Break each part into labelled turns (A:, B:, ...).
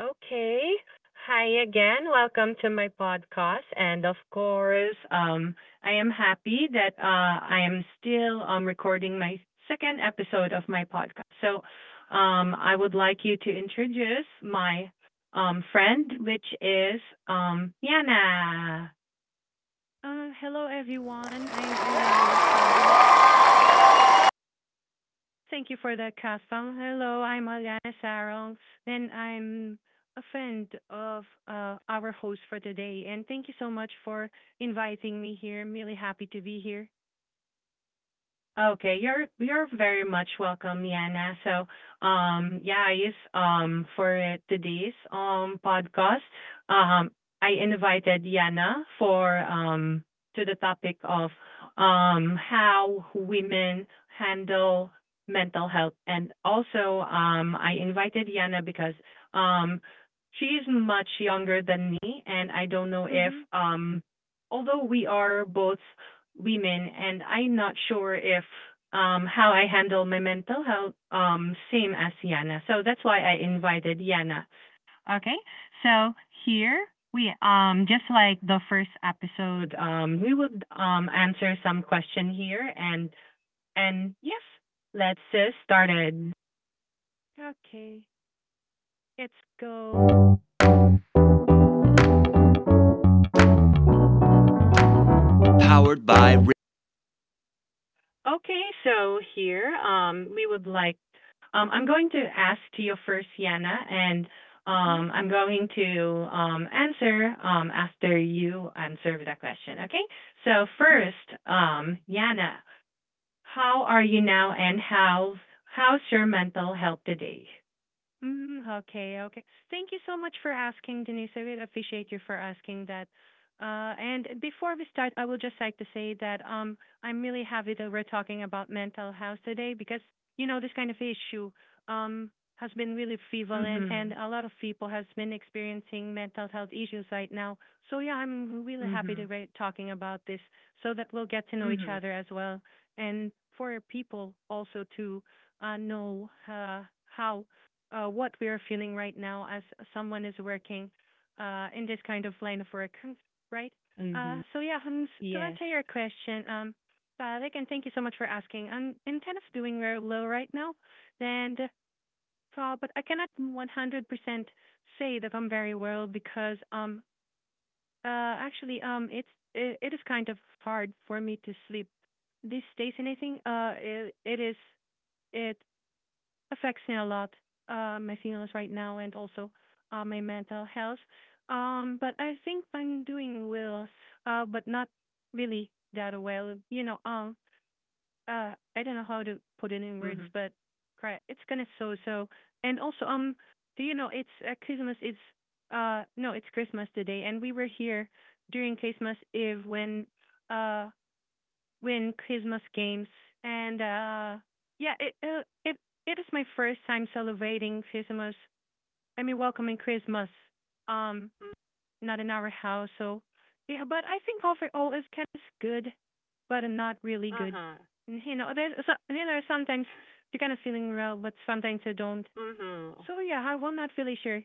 A: Okay. Hi again. Welcome to my podcast. And of course, I am happy that I am still recording my second episode of my podcast. So I would like you to introduce my friend, which is Yana.
B: Hello everyone, I'm Ariana Sun. Thank you for the custom. Hello, I'm Ariana Sarongs, and I'm a friend of our host for today. And thank you so much for inviting me here. I'm really happy to be here.
A: Okay, you're very much welcome, Yana. So, yeah, yes, for today's podcast, um, I invited Yana for to the topic of how women handle mental health, and also I invited Yana because um she is much younger than me, and I don't know if
B: Mm-hmm.
A: although we are both women, and I'm not sure if how I handle my mental health same as Yana. So that's why I invited Yana. Okay, so here we just like the first episode we would answer some question here, and yes, let's started.
B: Okay, let's go.
A: Okay, so here we would like I'm going to ask to you first, Yana, and
B: Hmm.
A: I'm going to answer after you answer the question. Okay. So first, Yana, how are you now, and how's your mental health today?
B: Mm, okay, okay. Thank you so much for asking, Denise. I really appreciate you for asking that. And before we start, I would just like to say that I'm really happy that we're talking about mental health today because you know this kind of issue um, has been really prevalent, and
A: Mhm.
B: a lot of people has been experiencing mental health issues right now. So yeah, I'm really happy that
A: Mhm.
B: we're talking about this so that we'll get to know each
A: Mhm.
B: other as well, and for people also to know how what we are feeling right now as someone is working in this kind of line of work, right? Uh,
A: Mhm.
B: so yeah, to
A: Yes.
B: answer your question, Tarek, and thank you so much for asking. I'm intent of doing very low right now, and but I cannot 100% say that I'm very well because uh actually it is kind of hard for me to sleep these days. Anything it, it is it affects me a lot, my feelings right now and also my mental health. But I think I'm doing well, but not really that well. I don't know how to put it in words,
A: Mhm.
B: but cry. It's kind of so-so. And also, do you know it's Christmas? It's, no, it's Christmas today, and we were here during Christmas Eve when uh win Christmas games, and yeah, it is my first time celebrating Christmas. I mean, welcoming Christmas. Um,
A: Mm,
B: Not in our house, so yeah. But I think overall it's kind of good, but not really good.
A: uh-huh.
B: And there's so, sometimes you're kind of feeling well, but sometimes you don't.
A: Mhm.
B: So yeah, I am not really sure.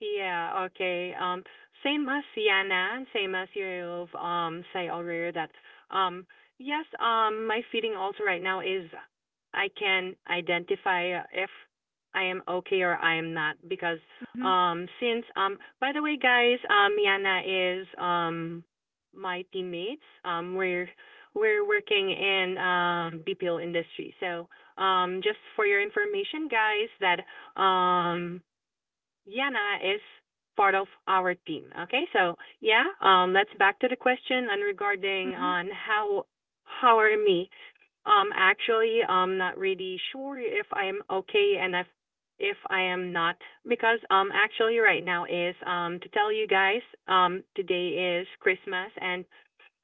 A: Yeah, okay. Same as Yana, same as you've say earlier that um yes, my feeling also right now is I can identify if I am okay or I am not, because
B: Mhm.
A: since by the way guys, Yana is my teammates. We're working in BPO industry. So just for your information guys that um Jana is part of our team. Okay, so yeah, let's back to the question and regarding
B: Mhm.
A: on how are me? Actually, I'm not really sure if I'm okay, and if I am not, because actually right now is to tell you guys, today is Christmas, and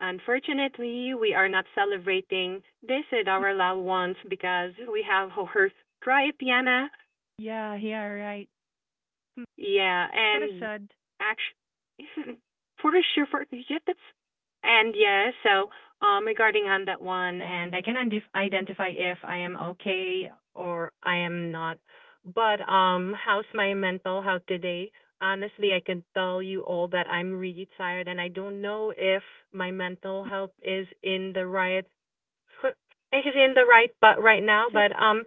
A: unfortunately we are not celebrating this with
B: Mm.
A: our loved ones because we have her cry, Yana.
B: Yeah. Yeah. Right. Mm.
A: Yeah,
B: It's kind of
A: and
B: sad.
A: actually, for sure, for yeah, that's and yeah. So, regarding on that one, and I can identify if I am okay or I am not. But how's my mental health today? Honestly, I can tell you all that I'm really tired, and I don't know if my mental
B: Mm.
A: health is in the right but right now. But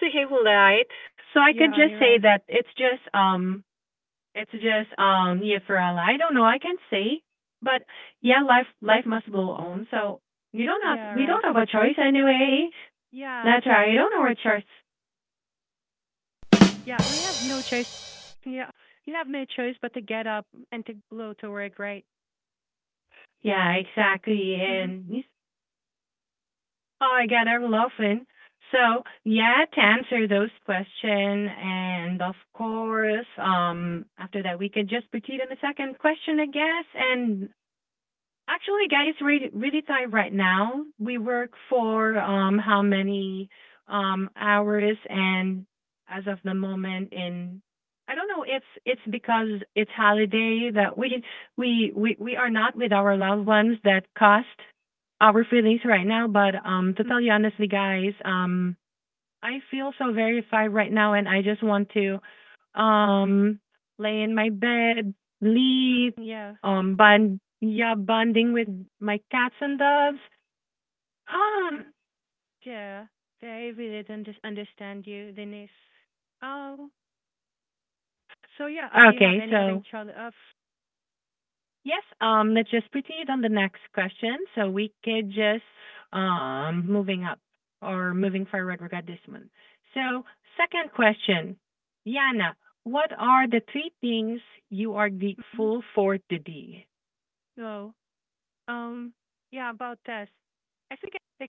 A: so right. So I
B: Yeah.
A: could just say
B: Right.
A: that it's just yeah for Allah. I don't know. I can't say, but yeah, life must go on. So you don't have
B: Yeah.
A: we
B: Right.
A: don't have a choice anyway.
B: Yeah.
A: That's right. I don't have a choice.
B: Yeah, we have no choice. Yeah, you have no choice but to get up and to go to work, right?
A: Yeah, exactly.
B: Mhm.
A: And yes, oh, I got her laughing. So yeah, to answer those question, and of course, after that we could just proceed on the second question, I guess. And actually, guys, really, really tight right now. We work for how many hours, and as of the moment, in I don't know if it's because it's holiday that we are not with our loved ones that cost our feelings right now. But to
B: Mhm.
A: tell you honestly, guys, I feel so very verified right now, and I just want to um lay in my bed,
B: Mhm.
A: lead,
B: Yeah, right.
A: bond, yeah, bonding with my cats and dogs.
B: Mm, Yeah, they really don't just understand you, Denise. Oh, so yeah. Do you have
A: Okay,
B: any other
A: so
B: child? Of?
A: yes, let's just proceed on the next question, so we could just moving up or moving forward. We got this one. So second question, Yana, what are the three things you are
B: Mhm.
A: grateful for today?
B: No. Um, yeah, about that. I think I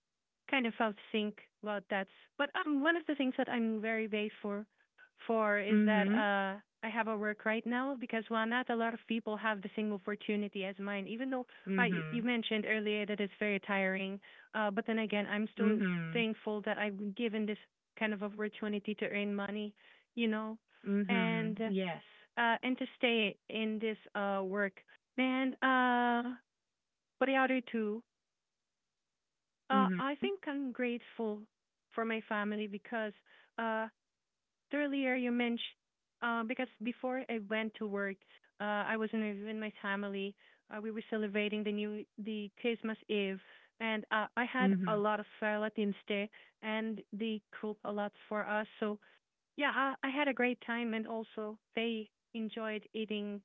B: kind of felt think about that. But one of the things that I'm very grateful for is that
A: Mm-hmm.
B: I have a work right now because well, not a lot of people have the same opportunity as mine. Even though you
A: Mhm.
B: mentioned earlier that it's very tiring, but then again, I'm still
A: Mhm.
B: thankful that I've been given this kind of opportunity to earn money, you know,
A: Mhm.
B: and
A: Yes.
B: and to stay in this work. And but the other two,
A: Mhm.
B: I think I'm grateful for my family because uh, earlier you mentioned because before I went to work, I was in my family. We were celebrating the Christmas Eve, and I had a
A: Mhm.
B: lot of relatives there, and they cooked a lot for us. So yeah, I had a great time, and also they enjoyed eating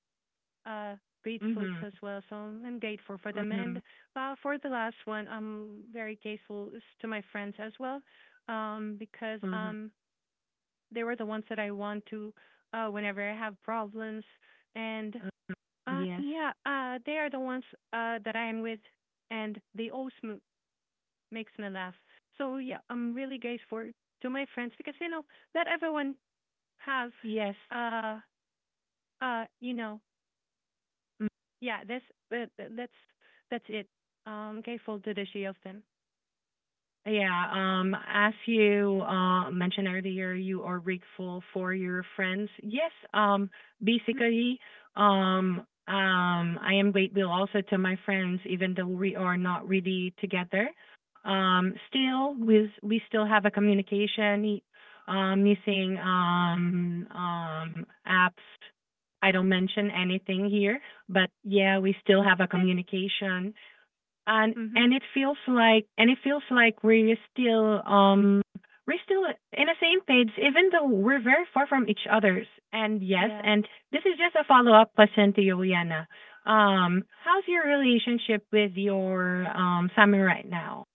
B: uh, great foods
A: Mhm.
B: as well. So I'm grateful for them. And
A: Mhm.
B: uh, for the last one, I'm very grateful to my friends as well, because
A: Mhm.
B: they were the ones that I want to whenever I have problems. And
A: Mhm.
B: uh,
A: Yes.
B: yeah, uh, they are the ones that I am with, and they always makes me laugh. So yeah, I'm really grateful to my friends because you know that everyone have,
A: Yes.
B: uh uh you know yeah, that's that, that's that's it. Gave fold to the shields then.
A: Yeah. As you mentioned earlier, you are grateful for your friends. Yes.
B: Mhm.
A: Basically, um, I am grateful also to my friends, even though we are not really together. Still, we still have a communication using apps. I don't mention anything here, but yeah, we still have a
B: Fifth.
A: communication, and
B: Mhm.
A: and it feels like we're still in the same page even though we're very far from each other's. And yes,
B: Yeah.
A: and this is just a follow up question to Juliana. How's your relationship with your Sammy right now?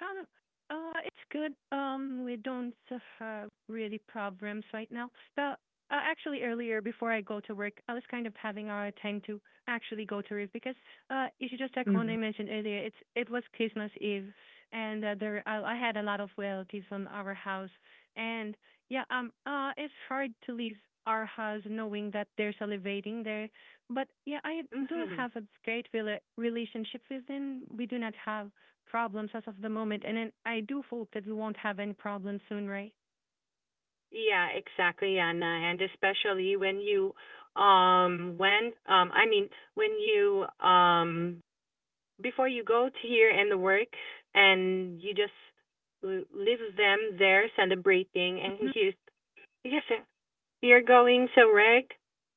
B: It's good. We don't have really problems right now. But actually, earlier before I go to work, I was kind of having our time to actually go to Reef because if you just check one
A: Mhm.
B: I mentioned earlier, it was Christmas Eve, and there I had a lot of relatives on our house, and yeah, it's hard to leave our house knowing that they're salivating there. But yeah, I do
A: Mhm.
B: have a great relationship with them. We do not have problems as of the moment, and then I do hope that we won't have any problems soon, right?
A: Yeah, exactly, Yana, and especially when you when I mean, when you before you go to here and the works, and you just leave them there celebrating, and you yes you're going to work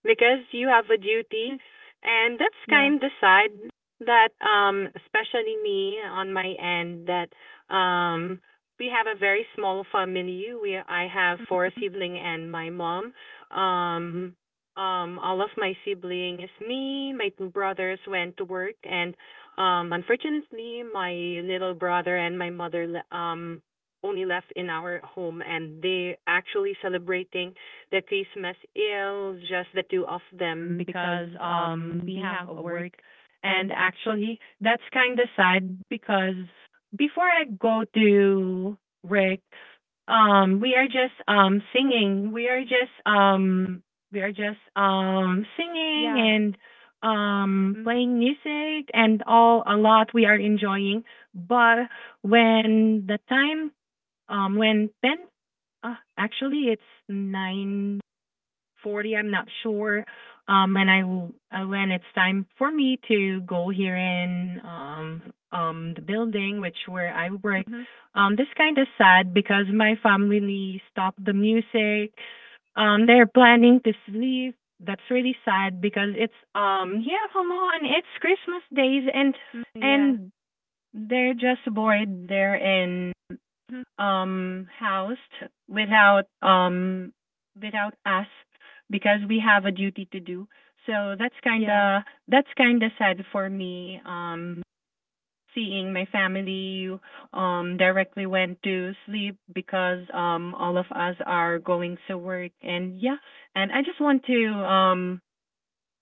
A: because you have a
B: Mm-hmm.
A: duty.
B: Mm-hmm.
A: And that's
B: Yeah.
A: kind of the side that especially me on my end that um we have a very small family. We I have four
B: Mm-hmm.
A: siblings and my mom. Um all of my siblings, me, my two brothers went to work, and unfortunately my little brother and my mother only left in our home, and they actually celebrating the Christmas is just the two of them because we have a work. And actually that's kind of sad because before I go to Rick, we are just singing we are just singing
B: Yeah.
A: and
B: Mm-hmm.
A: playing music, and all a lot we are enjoying, but when the time when 10 actually it's 9:40, I'm not sure. And I will, when it's time for me to go here in the building, which where I work,
B: Mm-hmm.
A: this kind of sad because my family stopped the music. They're planning to sleep. That's really sad because it's yeah, come on, it's Christmas days, and
B: Mm-hmm. Yeah.
A: and they're just bored there in
B: Mm-hmm.
A: housed without um, without us, because we have a duty to do. So that's kind
B: Yeah.
A: of that's kind of sad for me. Seeing my family directly went to sleep because all of us are going to work, and yeah, and I just want to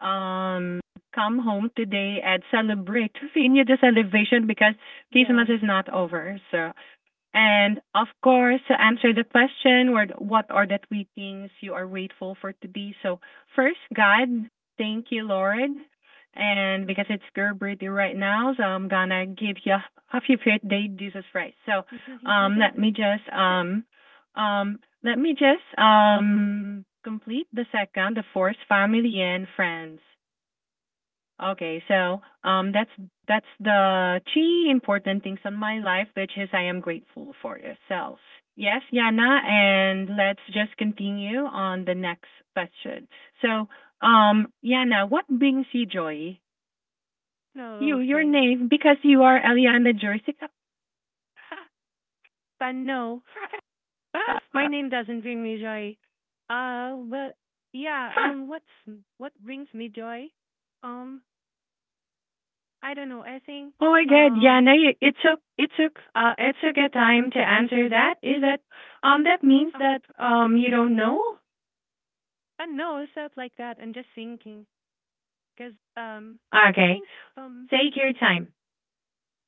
A: um, come home today and celebrate, continue the celebration because
B: Yeah.
A: Christmas is not over. So, and of course, to answer the question, what are the three things you are grateful for today? So first, God, thank you, Lord. And because it's your birthday right now, so I'm gonna give you a happy birthday, Jesus Christ. So
B: Mm-hmm. He
A: um,
B: sneezes.
A: let me just um, um, let me just complete the second, the fourth, family and friends. Okay, so that's the three important things on my life, which is I am grateful for yourself. Yes, Yana, and let's just continue on the next question. So, Yana, what brings you joy?
B: No,
A: You, your
B: okay.
A: name, because you are Eliana Jersica.
B: But no, my name doesn't bring me joy. Well, yeah. What brings me joy? Um, I don't know. I think
A: Oh my God,
B: um,
A: Yana, it took a time to answer that. Is that that means
B: uh,
A: that you don't know?
B: I don't know, stuff like that, and just thinking. Because I
A: Okay,
B: think some.
A: take your time.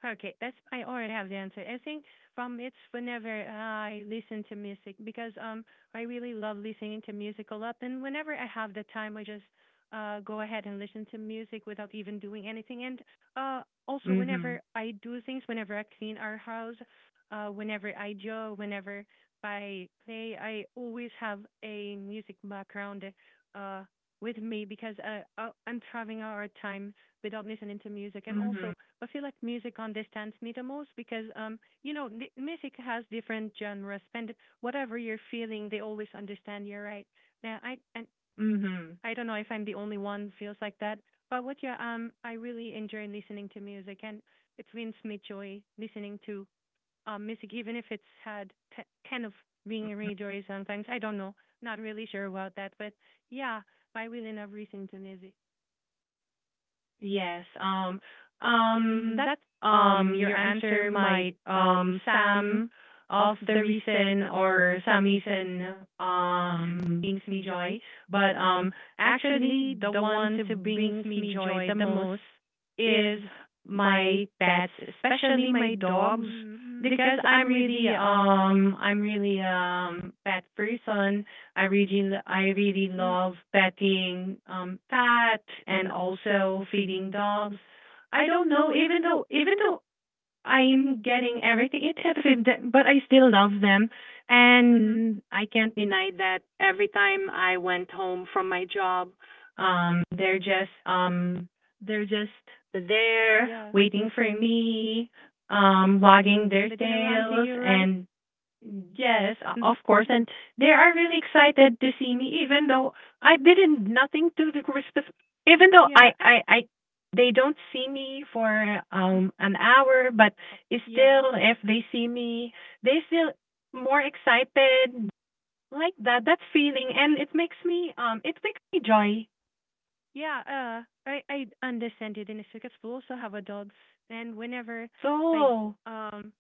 B: Okay, that's I already have the answer. I think from it's whenever I listen to music because I really love listening to music a lot and whenever I have the time I just go ahead and listen to music without even doing anything and uh also
A: Mhm.
B: whenever I do things whenever I clean our house whenever I draw whenever I play I always have a music background uh with me because I'm traveling hard time without listening to music and also
A: Mhm.
B: I feel like music understands me the most because, the music has different genres. And whatever you're feeling, they always understand you, right? Now,
A: Mhm.
B: I don't know if I'm the only one feels like that, but I really enjoy listening to music, and it brings me joy listening to music, even if it's had kind of being
A: Mhm.
B: rejoiced sometimes. I don't know, not really sure about that, but yeah, I really love listening to music.
A: Yes. That your answer might Sam of the reason or some reason brings me joy. But actually the ones who brings me joy the most is my pets, especially my dogs.
B: Mm-hmm.
A: Because I'm really pet person. I really love petting cat and also feeding dogs. I don't know, even though I'm getting everything, but I still love them,
B: Mm-hmm.
A: and I can't deny that every time I went home from my job, um they're just um they're just there
B: Yeah.
A: waiting for me, wagging their
B: But then around to
A: tails,
B: you, right?
A: and Yes,
B: Mhm.
A: of course, and they are really excited to see me, even though I didn't nothing to the respect. Even though
B: Yeah. Ah,
A: they don't see me for an hour, but it's
B: yeah.
A: still, if they see me, they still more excited like that. That feeling, and it makes me joy.
B: Yeah. I understand it in a circus. We also have a dogs, and like,
A: So,
B: um,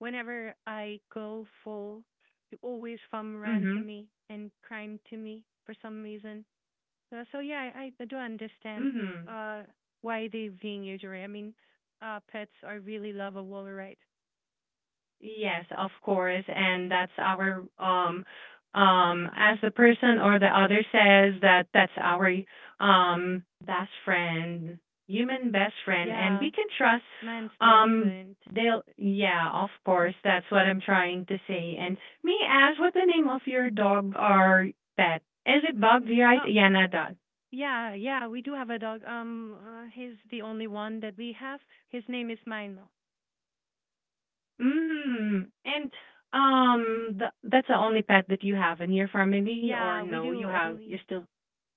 B: whenever I go full, you always farm ran to
A: mhm,
B: me and crying to me for some reason. So yeah, I do understand
A: mhm.
B: uh why they being usury. I mean, pets are really lovable, right?
A: Yes, of course. And that's our as the person or the other says that that's our best friend, human best friend, and we
B: Yeah,
A: can trust
B: man's best
A: um
B: friend.
A: they'll yeah, of course. That's what I'm trying to say. And me ask what the name of your dog or pet. Is it Bug right?
B: Oh,
A: Yeah, not dog.
B: yeah, yeah, we do have a dog. He's the only one that we have. His name is Mino.
A: Mm. And that's the only pet that you have in your family, or
B: Yeah, we
A: no, you
B: do
A: have
B: only
A: you still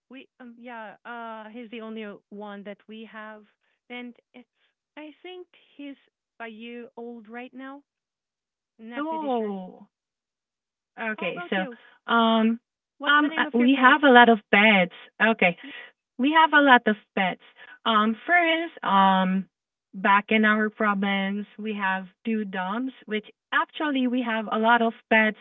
B: we he's the only one that we have and it's I think he's a year old right now. Not pretty sure.
A: Oh,
B: How
A: okay.
B: about
A: So,
B: you?
A: um,
B: What's the name of your
A: we
B: pets?
A: have a lot of pets. Okay, we have a lot of pets. First, back in our province, we have two doms, which actually we have a lot of pets,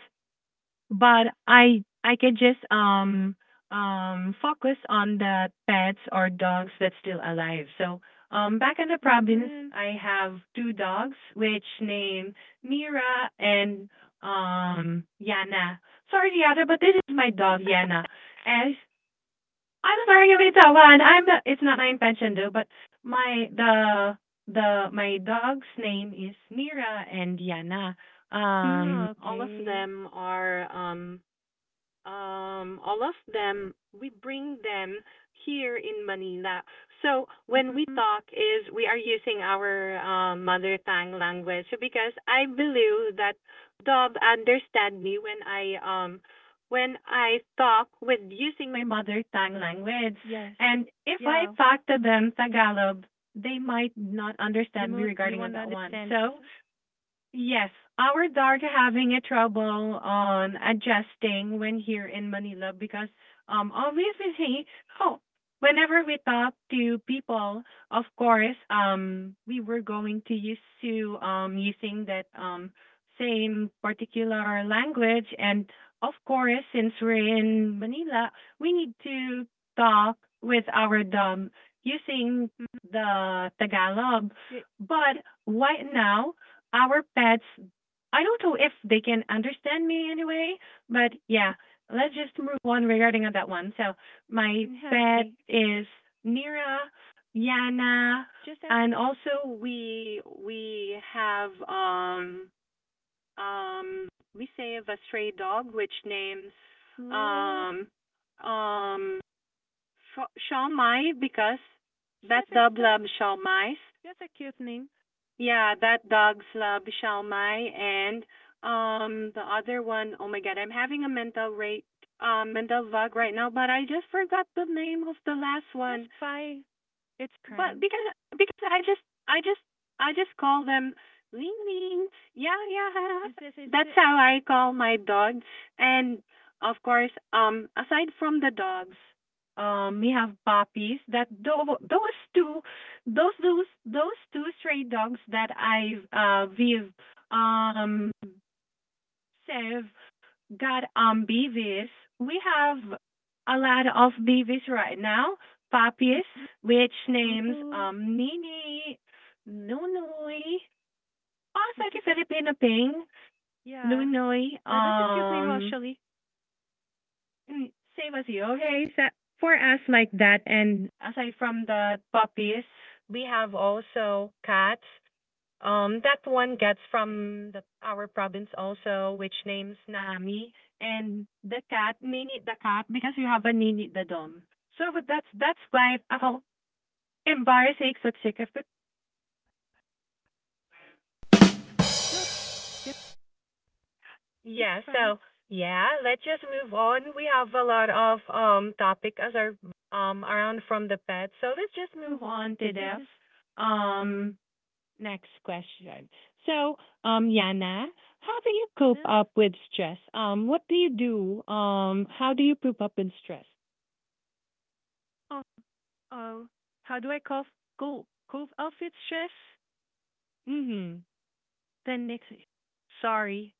A: but I could just focus on the pets or dogs that's still alive. So back in the
B: Mm,
A: province,
B: mm,
A: I have two dogs which name Mira and Yana. Sorry, Yana, but this is my
B: is
A: dog Yana.
B: that
A: And I'm sorry you made that one. I'm not. It's not my intention though. But my the my dog's name is Mira and Yana.
B: mm,
A: All of
B: okay.
A: them are all of them, we bring them here in Manila. So when we
B: Mm,
A: talk is we are using our mother tongue language, because I believe that Dob understand me when I when I talk with using my mother tongue language.
B: yes.
A: And if I
B: Yeah.
A: talk to them Tagalog, they might not
B: The
A: understand me
B: mo you
A: regarding on
B: want to
A: that one.
B: understand.
A: So
B: Yes.
A: yes, ours are having a trouble on adjusting when here in Manila because obviously oh whenever we talk to people, of course we were going to use to using that same particular language. And of course, since we're in Manila, we need to talk with our dom using
B: Mm,
A: the Tagalog.
B: yeah,
A: But right now, our pets, I don't know if they can understand me anyway, but yeah, let's just move on regarding on that one. So my
B: yeah,
A: pet
B: okay.
A: is Nira, Yana,
B: Just that
A: and also we have um we save a stray dog which names
B: well,
A: um um Shaw, because
B: says
A: that
B: it's
A: dog
B: that.
A: loves Shaw.
B: That's a cute name.
A: Yeah, that dog's love, Shalmai, and the other one, oh my god, I'm having a mental bug right now, but I just forgot the name of the last
B: That's
A: one.
B: fine. It's
A: But
B: crying.
A: because I just I just call them ling ling, yeah.
B: And says it's
A: That's
B: it.
A: how I call my dog. And of course, aside from the dogs, we have puppies. Those two, those two stray dogs that I've we've um saved, got on BVs. We have a lot of BVs right now. Puppies, which names
B: Ooh.
A: Nini, Nunoy, also the Filipino thing,
B: Yeah.
A: Nunoy,
B: But that's a cute name, actually.
A: save us you, okay? So for us like that. And aside from the puppies, we have also cats, that one gets from the, our province also, which names Nami and the cat Nini, the cat, because you have a Nini the dom. So but that's why ako embarrassing subsequent.
B: No, yeah, it's
A: Yeah.
B: fine.
A: So yeah, let's just move on. We have a lot of topic as our around from the pet. So let's just move on to
B: Says
A: death.
B: it's
A: Um, Next question. So, Yana, how do you cope
B: self.
A: up with stress? What do you do? How do you cope up with stress?
B: Oh, oh. How do I cough? Go. Cough off its chest.
A: Mm-hmm.
B: Then next. Sorry.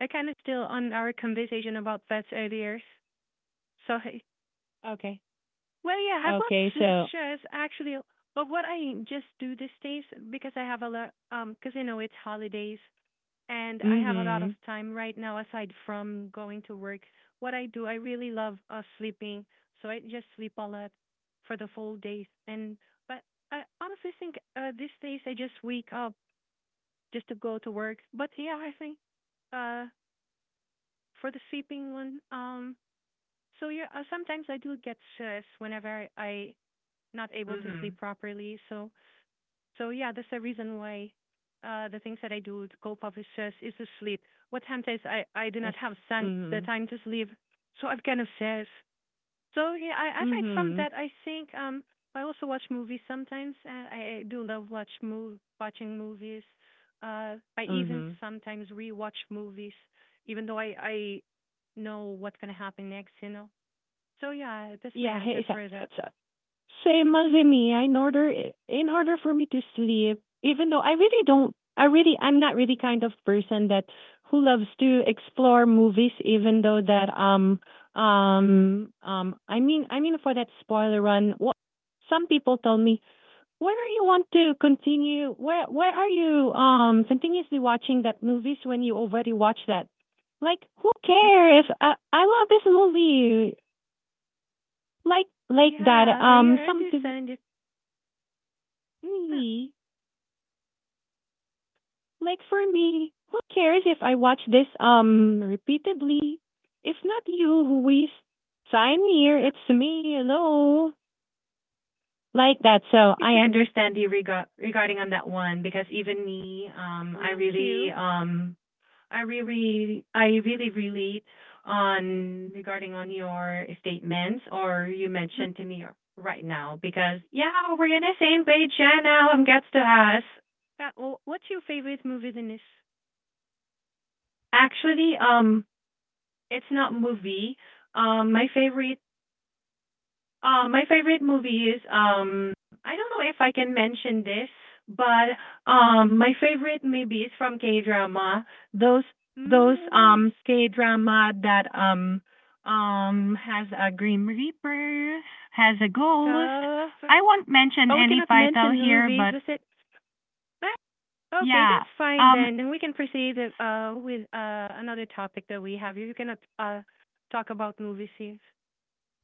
B: I kind of still on our conversation about pets earlier. So
A: Okay.
B: well, yeah, I've got
A: Okay.
B: sh-
A: So,
B: shares actually, but what I just do these days because I have a lot, because you know it's holidays and I have a lot
A: mm-hmm.
B: of time right now aside from going to work. What I do, I really love sleeping, so I just sleep a lot for the full days. And but I honestly think these days I just wake up just to go to work. But yeah, I think uh for the sleeping one, so yeah, sometimes I do get stressed whenever I not able to
A: Mm-hmm.
B: sleep properly. So yeah, that's the reason why the things that I do to cope up with co is to sleep. What happens is I do
A: Yes.
B: not have sun, the
A: Mm-hmm.
B: time to sleep, so I've kind of says. So yeah, I, aside from
A: Mm-hmm.
B: that, I think I also watch movies sometimes. I do love watching movies. I even
A: Mm-hmm.
B: sometimes rewatch movies, even though I know what's gonna happen next. You know. So yeah, that's my
A: Yeah.
B: answer
A: Hey,
B: for
A: so,
B: that.
A: so. Same as me. In order for me to sleep, even though I really don't, I really, I'm not really kind of person that who loves to explore movies. Even though that, I mean for that spoiler run, some people tell me, where do you want to continue? Where are you, continuously watching that movies when you already watch that? Like, who
B: Mhm.
A: cares? I love this movie. Like that.
B: Yeah, hey, I
A: Some people.
B: understand it. Huh,
A: Me? Like for me, who cares if I watch this repeatedly? If not you who waste
B: but
A: sign here, it's me. Hello. Like that. So
B: you
A: I
B: should
A: understand you regarding on that one, because even me, I
B: thank
A: really
B: you.
A: I really relate on regarding on your statements or you
B: Mhm.
A: mentioned to me right now, because yeah, we're in the same page yeah now, I'm gets to us.
B: What's your favorite movie, Denise?
A: Actually, um, it's not movie. Um, my favorite, my favorite movie is I don't know if I can mention this, but my favorite maybe is from K drama. Those
B: Mm,
A: K drama that has a Grim Reaper, has a ghost.
B: tough.
A: I won't mention
B: Oh, we
A: any
B: cannot
A: title
B: mention
A: here,
B: movies.
A: but
B: That's it. Ah, okay,
A: yeah.
B: that's fine
A: Um.
B: then. And we can proceed with another topic that we have. You cannot talk about movie scenes.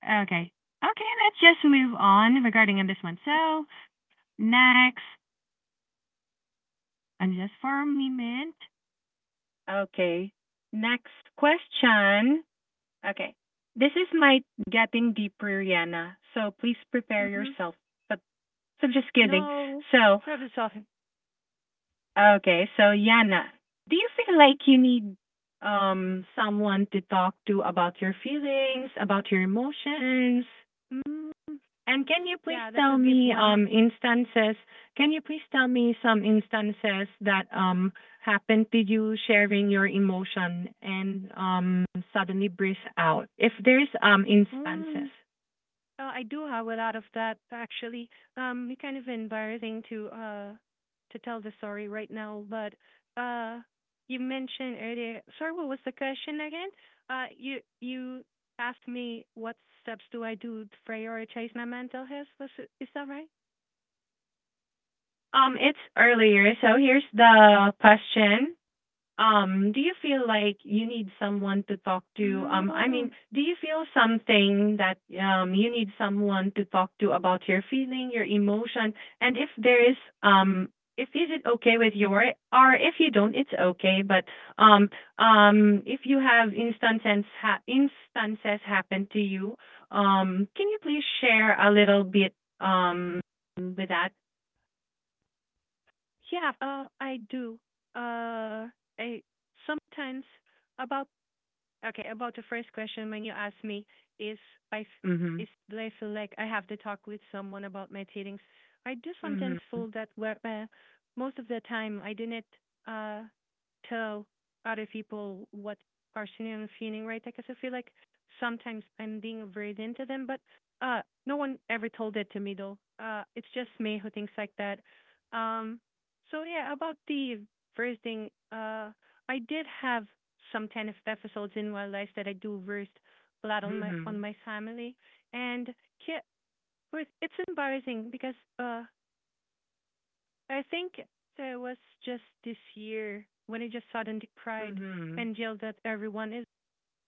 A: Okay. Okay. Let's just move on regarding on this one. So next. And just for a moment. Okay. Next question. Okay. This is my getting deeper, Yana, so please prepare
B: Mm-hmm.
A: yourself. But so just kidding.
B: No,
A: So
B: service often.
A: okay. So Yana, do you feel like you need someone to talk to about your feelings, about your emotions?
B: Mm,
A: And can you please
B: yeah, that
A: tell
B: would be
A: me
B: one.
A: instances? Can you please tell me some instances that happened to you sharing your emotion and suddenly burst out? If there's
B: Mm,
A: instances.
B: I do have a lot of that actually. It's kind of embarrassing to to tell the story right now, but uh, you mentioned earlier. Sorry, what was the question again? You asked me what steps do I do to prioritize my mental health. Was it, is that right?
A: It's earlier, so here's the question. Do you feel like you need someone to talk to?
B: mm
A: I
B: mm,
A: mean, do you feel something that you need someone to talk to about your feeling, your emotion, and if there is um if is it okay with you, or if you don't it's okay, but um if you have instances instances happen to you, can you please share a little bit um with that.
B: Yeah, I do. Uh, I sometimes about Okay, about the first question, when you asked me, is I
A: Mhm.
B: is do I feel like I have to talk with someone about my feelings, I do sometimes
A: Mhm.
B: feel that where most of the time I didn't uh tell other people what personally I'm feeling, right? Because I feel like sometimes I'm being a burden to them, but uh no one ever told it to me though. It's just me who thinks like that. Um so yeah, about the first thing, I did have some kind of episodes in my life that I do versed a lot on my on
A: Mhm.
B: my family, and ki- it's embarrassing because I think there was just this year when I just suddenly cried
A: Mhm.
B: and yelled at everyone.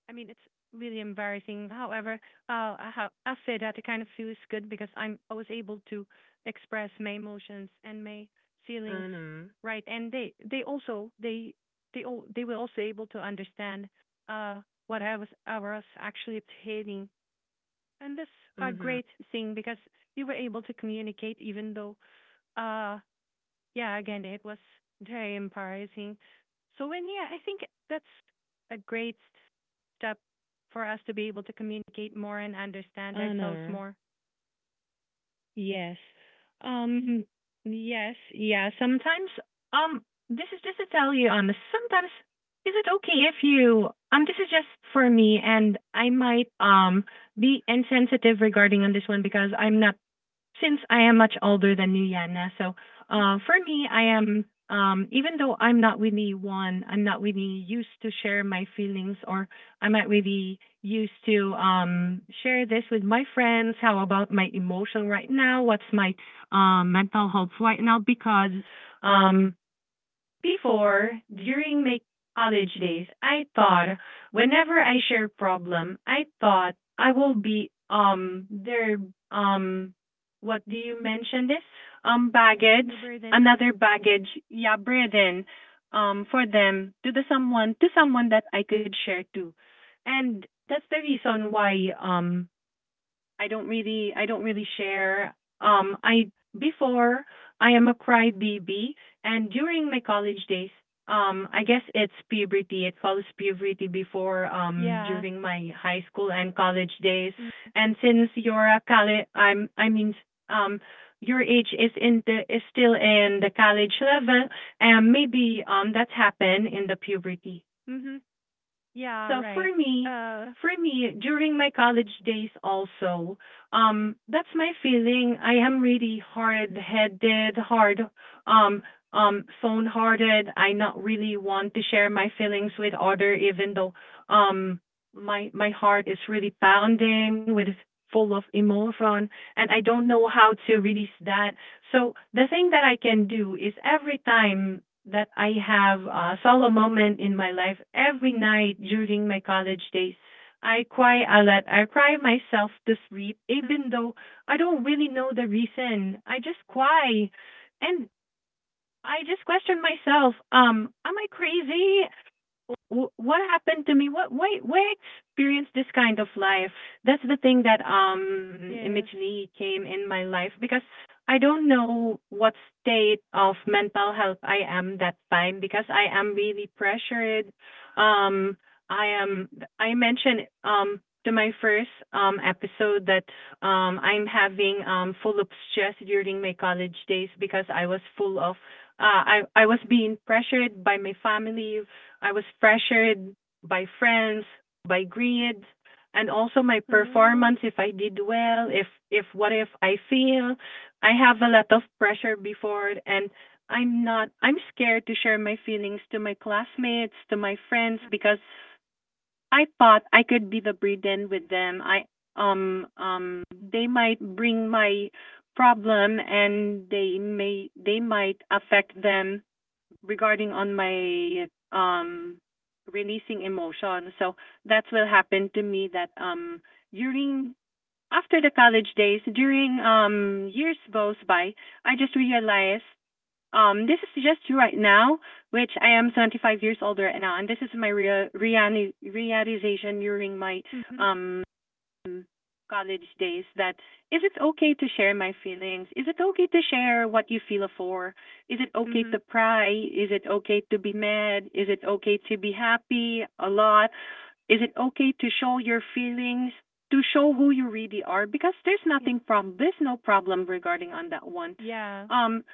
B: I mean, it's really embarrassing. However, uh, I, I say that it kind of feels good because I was able to express my emotions and my feelings,
A: Mhm.
B: right? And they also they all they were also able to understand uh what I was actually hating, and that's a
A: Mhm.
B: great thing because we were able to communicate, even though uh yeah, again, it was very empowering. So, and yeah, I think that's a great step for us to be able to communicate more and understand ourselves
A: Honor.
B: more.
A: Yes. Um, yes, yeah, sometimes um this is just to tell you on sometimes is it okay if you this is just for me, and I might be insensitive regarding on this one, because I'm not, since I am much older than you, Yana. So for me, I am, even though I'm not really one, I'm not really used to share my feelings, or I'm not really used to share this with my friends. How about my emotion right now? What's my mental health right now? Because um, before, during my college days, I thought whenever I share problem, I thought I will be their um what do you mention this? Um, baggage,
B: We're breathing.
A: another baggage, yeah, burden for them to the someone to someone that I could share to. And that's the reason why I don't really share. Um, I before I am a crybaby, and during my college days I guess it's puberty. It follows puberty before
B: Yeah.
A: during my high school and college days.
B: Mm,
A: And since you're a college I mean um your age is in the is still in the college level, and maybe that's happened in the puberty.
B: mm-hmm. Yeah,
A: So
B: right. Uh,
A: for me, during my college days also, that's my feeling. I am really hard headed, hard um phone hearted. I not really want to share my feelings with other, even though um my heart is really pounding with full of emotion, and I don't know how to release that. So the thing that I can do is every time that I have a solo moment in my life every night during my college days. I cry a lot. I cry myself to sleep, even though I don't really know the reason. I just cry, and I just question myself. Am I crazy? What happened to me? What why experience this kind of life? That's the thing that
B: yes.
A: immediately came in my life, because I don't know what state of mental health I am that time, because I am really pressured. Um I am I mentioned to my first episode that I'm having full of stress during my college days, because I was full of I was being pressured by my family, I was pressured by friends, by greed, and also my
B: Uh,
A: performance if I did well, if what if I fail. I have a lot of pressure before, and I'm not I'm scared to share my feelings to my classmates, to my friends, because I thought I could be the burden with them. I They might bring my problem and they might affect them regarding on my releasing emotion. So that's what happened to me that during after the college days, during years goes by, I just realized this is just right now, which I am 25 years old right now, and this is my real realization during my
B: mm-hmm.
A: um mm, college days that is it okay to share my feelings? Is it okay to share what you feel for? Is it okay
B: Mm-hmm.
A: to cry? Is it okay to be mad? Is it okay to be happy a lot? Is it okay to show your feelings? To show who you really are, because there's
B: Yeah,
A: nothing problem, there's no problem regarding on that one.
B: yeah,
A: Um,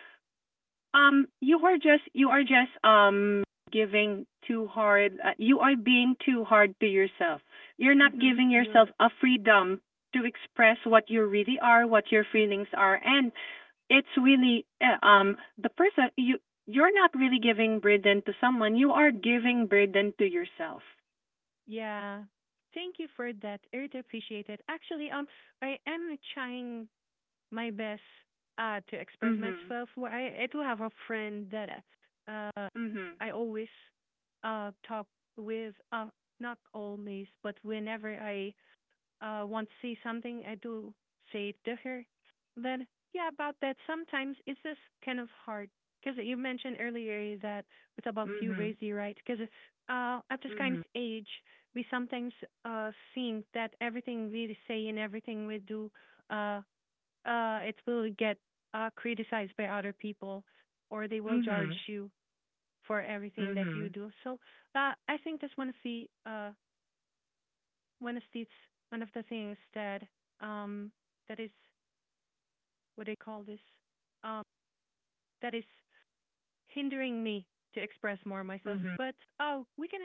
A: you are just giving too hard. You are being too hard to yourself. You're not
B: mm-hmm.
A: giving yourself
B: Yes.
A: a freedom to express what you really are, what your feelings are, and it's really the person you you're not really giving burden to someone. You are giving burden to yourself.
B: Yeah. Thank you for that. I really appreciate it. Actually, I am trying my best to express
A: Mhm.
B: myself. Well, I do have a friend that uh
A: Mhm.
B: I always talk with not always, but whenever I want to say something, I do say it to her. But yeah, about that, sometimes it's just kind of hard because you mentioned earlier that it's about you
A: Mhm.
B: raise, right? Because at this kind of
A: Mhm.
B: age we sometimes think that everything we say and everything we do uh it will get criticized by other people, or they will judge
A: Mhm.
B: you for everything that you
A: Mhm.
B: do. So I think that's one of the one of these one of the things that um that is what they call this um that is hindering me to express more myself.
A: Mhm.
B: But oh, we can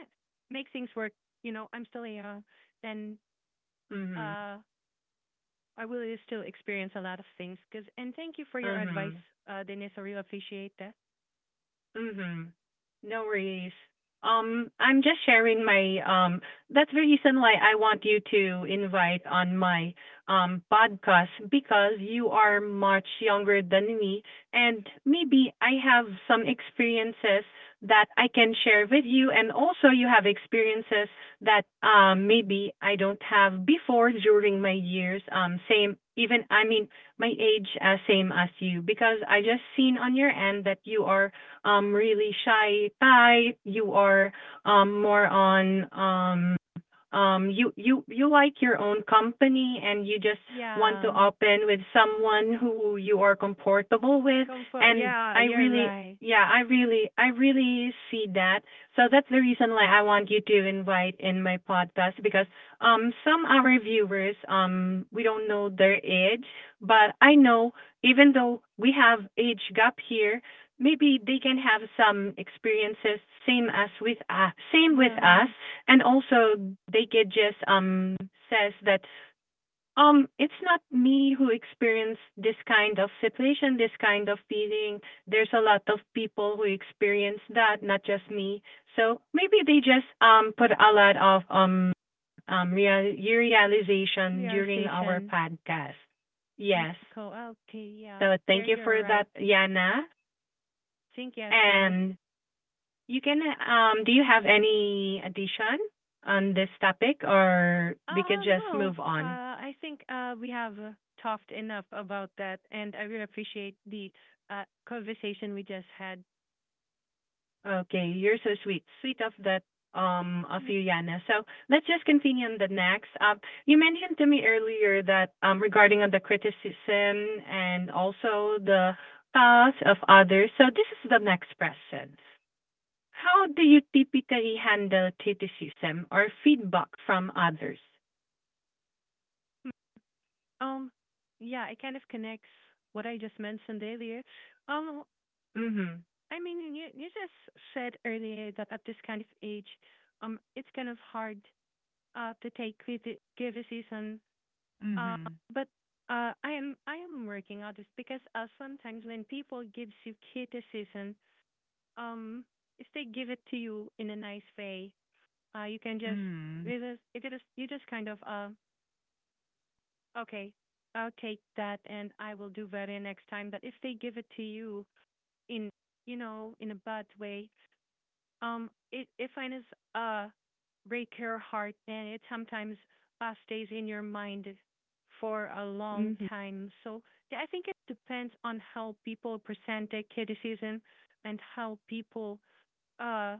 B: make things work. You know, I'm still young, and
A: Mhm.
B: uh, I will still experience a lot of things. Cause and thank you for your advice,
A: Mhm.
B: Denise. I really appreciate that.
A: Mm-hmm. No worries. I'm just sharing my that's the reason why I want you to invite on my podcast because you are much younger than me, and maybe I have some experiences that I can share with you. And also you have experiences that maybe I don't have before during my years, same, even I mean, my age as same as you, because I just seen on your end that you are really shy type. You are more on you like your own company, and you just want
B: Yeah.
A: to open with someone who you are comfortable with.
B: Comfort.
A: And
B: Yeah,
A: I
B: you're
A: really
B: right.
A: yeah I really see that. So that's the reason why I want you to invite in my podcast, because some our viewers, we don't know their age, but I know, even though we have age gap here, maybe they can have some experiences same as with same with
B: Yeah,
A: us. And also, they could just says that it's not me who experienced this kind of situation, this kind of feeling. There's a lot of people who experience that, not just me. So maybe they just put a lot of real realization during our
B: conversation.
A: podcast.
B: Mm,
A: Yes.
B: cool. Okay. Yeah,
A: So
B: there
A: thank you
B: you're
A: for
B: right.
A: that, Yana.
B: Think yes.
A: And you can, do you have any addition on this topic, or we could just
B: No.
A: move on?
B: I think we have talked enough about that, and I really appreciate the conversation we just had.
A: Okay, you're so sweet. Sweet of that, of
B: Mm.
A: you, Yana. So let's just continue on the next. You mentioned to me earlier that, regarding on the criticism and also the thoughts of others. So this is the next question: how do you typically handle criticism or feedback from others?
B: Um, yeah, it kind of connects what I just mentioned earlier. Um,
A: Mm-hmm.
B: I mean, you just said earlier that at this kind of age, it's kind of hard to take criticism.
A: Mm-hmm.
B: But I am working on this because sometimes when people give you criticism, um, if they give it to you in a nice way, you can just
A: Mm-hmm.
B: it is you just kind of okay, I'll take that and I will do better next time. But if they give it to you in in a bad way, it finds uh break your heart, and it sometimes stays in your mind for a long
A: Mm-hmm.
B: time. So yeah, I think it depends on how people present their criticism and how people uh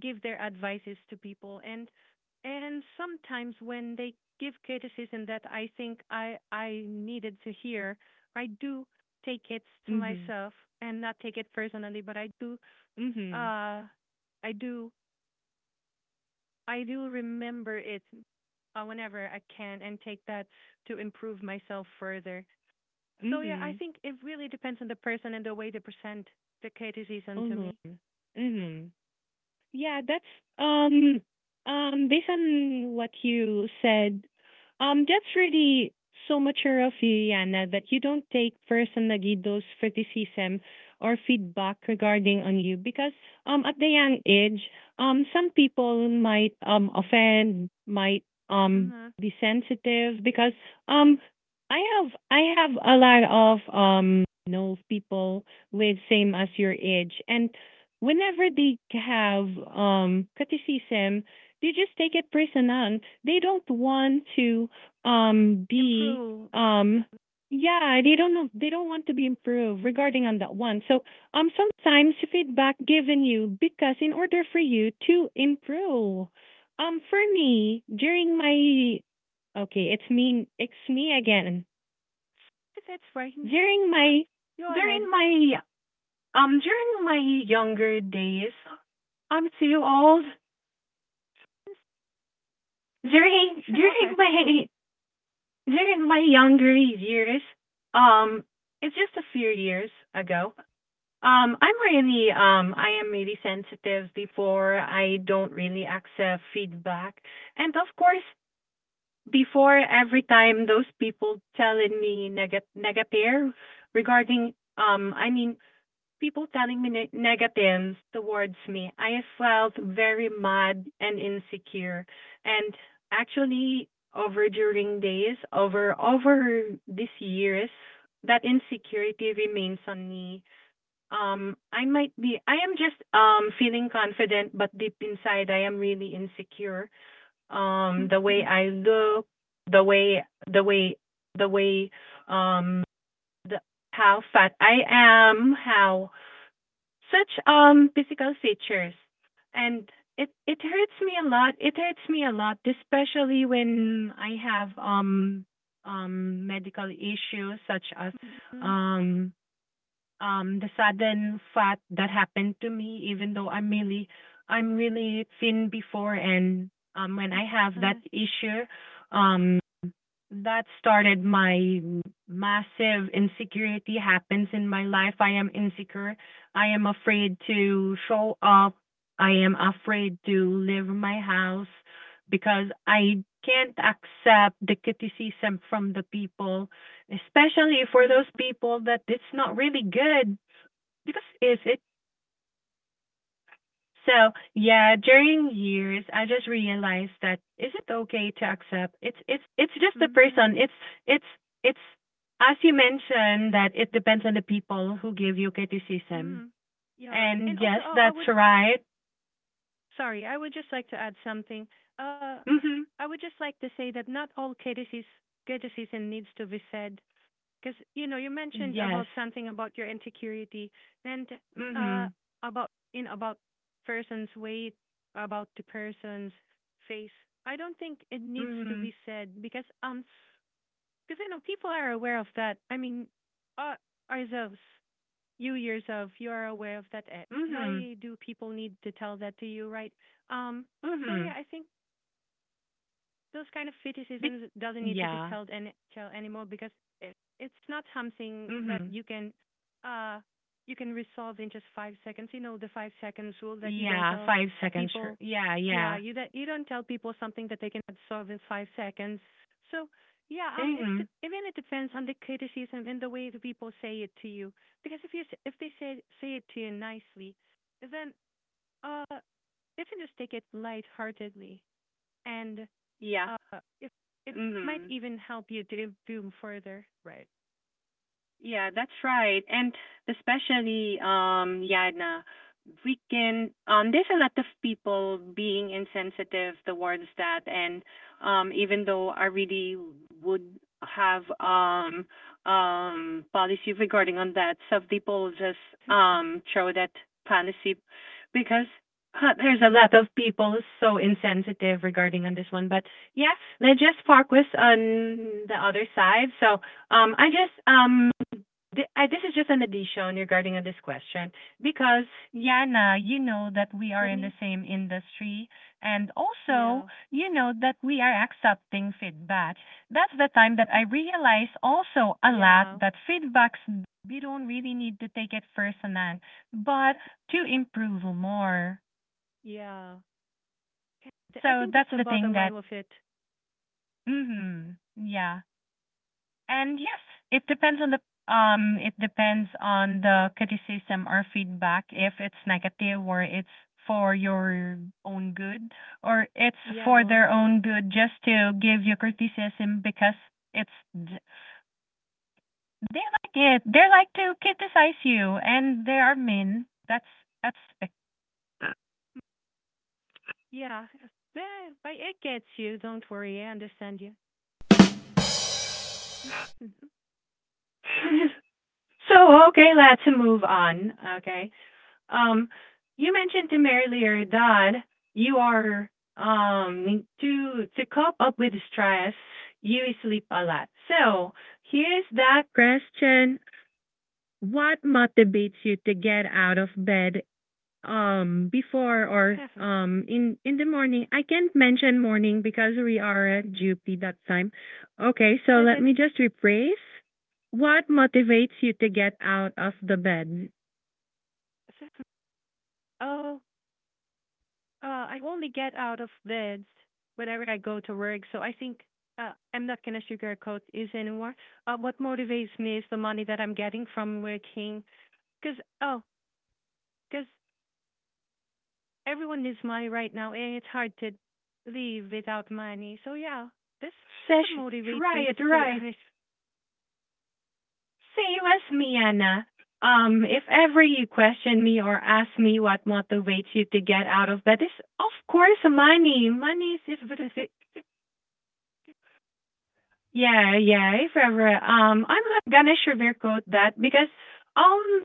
B: give their advices to people, and sometimes when they give criticism that I think I needed to hear, I do take it to
A: Mhm.
B: myself and not take it personally, but
A: Mhm.
B: uh I do I do remember it, whenever I can and take that to improve myself further. So yeah, I
A: Mhm.
B: think it really depends on the person and the way they present the criticism to
A: Aman.
B: me.
A: Mhm. Yeah, that's um based on what you said, that's really so mature of you, Yana, that you don't take personally those criticism or feedback regarding on you, because at the young age, some people might offend, might um
B: Mm,
A: be sensitive, because um I have a lot of know people with same as your age. And whenever they have criticism, they just take it personal. They don't want to be
B: improve.
A: um yeah, they don't know, they don't want to be improved regarding on that one. So sometimes feedback given you, because in order for you to improve. For me, during my okay, it's me again.
B: If that's fine.
A: During
B: Ah,
A: my
B: Go
A: during
B: ahead.
A: my during my younger days, I'm too old. During during my during my younger years, um, it's just a few years ago. I am really sensitive before, I don't really accept feedback. And of course, before every time those people telling me negative regarding I mean, people telling me negative towards me, I felt very mad and insecure. And actually, over during days, over these years, that insecurity remains on me. I might be, I am just feeling confident, but deep inside, I am really insecure.
B: Mm,
A: The way
B: mm,
A: I look, the way, the way, the way, um, the how fat I am, how such physical features. And it hurts me a lot, it hurts me a lot, especially when I have medical issues, such as
B: mm, mm, mm,
A: um the sudden fat that happened to me, even though I'm really thin before. And when I have that
B: mm,
A: issue, um that started my massive insecurity happens in my life. I am insecure. I am afraid to show up. I am afraid to leave my house, because I can't accept the criticism from the people, especially for those
B: mm,
A: people that it's not really good because is it. So yeah, during years, I just realized that is it okay to accept, it's just a
B: mm,
A: person.
B: mm,
A: It's it's it's as you mentioned that it depends on the people who give you criticism.
B: mm, yeah. And
A: And
B: also,
A: yes,
B: oh, I
A: that's
B: would
A: right.
B: sorry, I would just like to add something. Uh,
A: Mhm.
B: I would just like to say that not all criticism needs to be said, because you know you mentioned about
A: Yes.
B: something about your insecurity, and uh
A: Mhm.
B: about in about person's weight, about the person's face. I don't think it needs to
A: Mhm.
B: be said because you know people are aware of that. I mean uh ourselves, you yourself, you are aware of that.
A: Mhm.
B: Why do people need to tell that to you, right? Um, so yeah,
A: Mhm.
B: I think those kind of
A: Be-
B: criticisms doesn't need to be
A: yeah.
B: told anymore because it, it's not something that
A: Mhm.
B: uh you can resolve in just 5 seconds. You know the 5 seconds rule, that you don't
A: Yeah,
B: tell
A: 5 seconds, sure.
B: people.
A: Yeah,
B: Yeah,
A: yeah.
B: you that you don't tell people something that they can solve in 5 seconds. So yeah,
A: Mhm.
B: it depends on the criticism and the way the people say it to you. Because if they say it to you nicely, then uh, you can just take it lightheartedly, and
A: Ja.
B: uh, it it might
A: Mhm.
B: even help you to boom further.
A: Yeah, that's right. And especially, Yana, we can, there's a lot of people being insensitive towards that. And even though I really would have policy regarding on that, some people just throw that policy, because huh, there's a lot of people so insensitive regarding on this one. But yeah, let's just focus on the other side. So I just th- I, this is just an addition regarding on this question, because Yana, you know that we are in the
B: Learning,
A: same industry, and also
B: yeah.
A: you know that we are accepting feedback. That's the time that
B: Mm,
A: I realized also a lot
B: yeah,
A: that feedbacks, we don't really need to take it personal, but to improve more.
B: yeah. I
A: So
B: think that's
A: that's
B: the
A: the thing
B: bottom line
A: that.
B: of it.
A: Mm-hmm, yeah. And yes, it depends on the it depends on the criticism or feedback, if it's negative, or it's for your own good, or it's
B: Yeah,
A: for
B: well,
A: their own good, just to give you criticism, because it's, they like to criticize you, and they are mean. That's, that's uh,
B: mm, yeah. Yeah, but it gets you. Don't worry, I understand you.
A: so okay, let's move on. Okay. Um, you mentioned to me earlier that you are to cope up with stress, you sleep a lot. So here's that question: what motivates you to get out of bed before, or in the morning? I can't mention morning because we are at GP that time. Okay, so let
B: Physics.
A: me just rephrase. What motivates you to get out of the bed?
B: Oh, I only get out of bed whenever I go to work, so I think, I'm not gonna sugarcoat it anymore. What motivates me is the money that I'm getting from working. Cause oh, because everyone needs money right now, and it's hard to live without money. So yeah, this is the
A: Sesh,
B: motivate tweets.
A: right,
B: So
A: right. Same as me, Anna. If ever you question me or ask me what motivates you to get out of bed, it's of course money. Money is, if, yeah, yeah, if ever. I'm not gonna sugarcoat that, because um,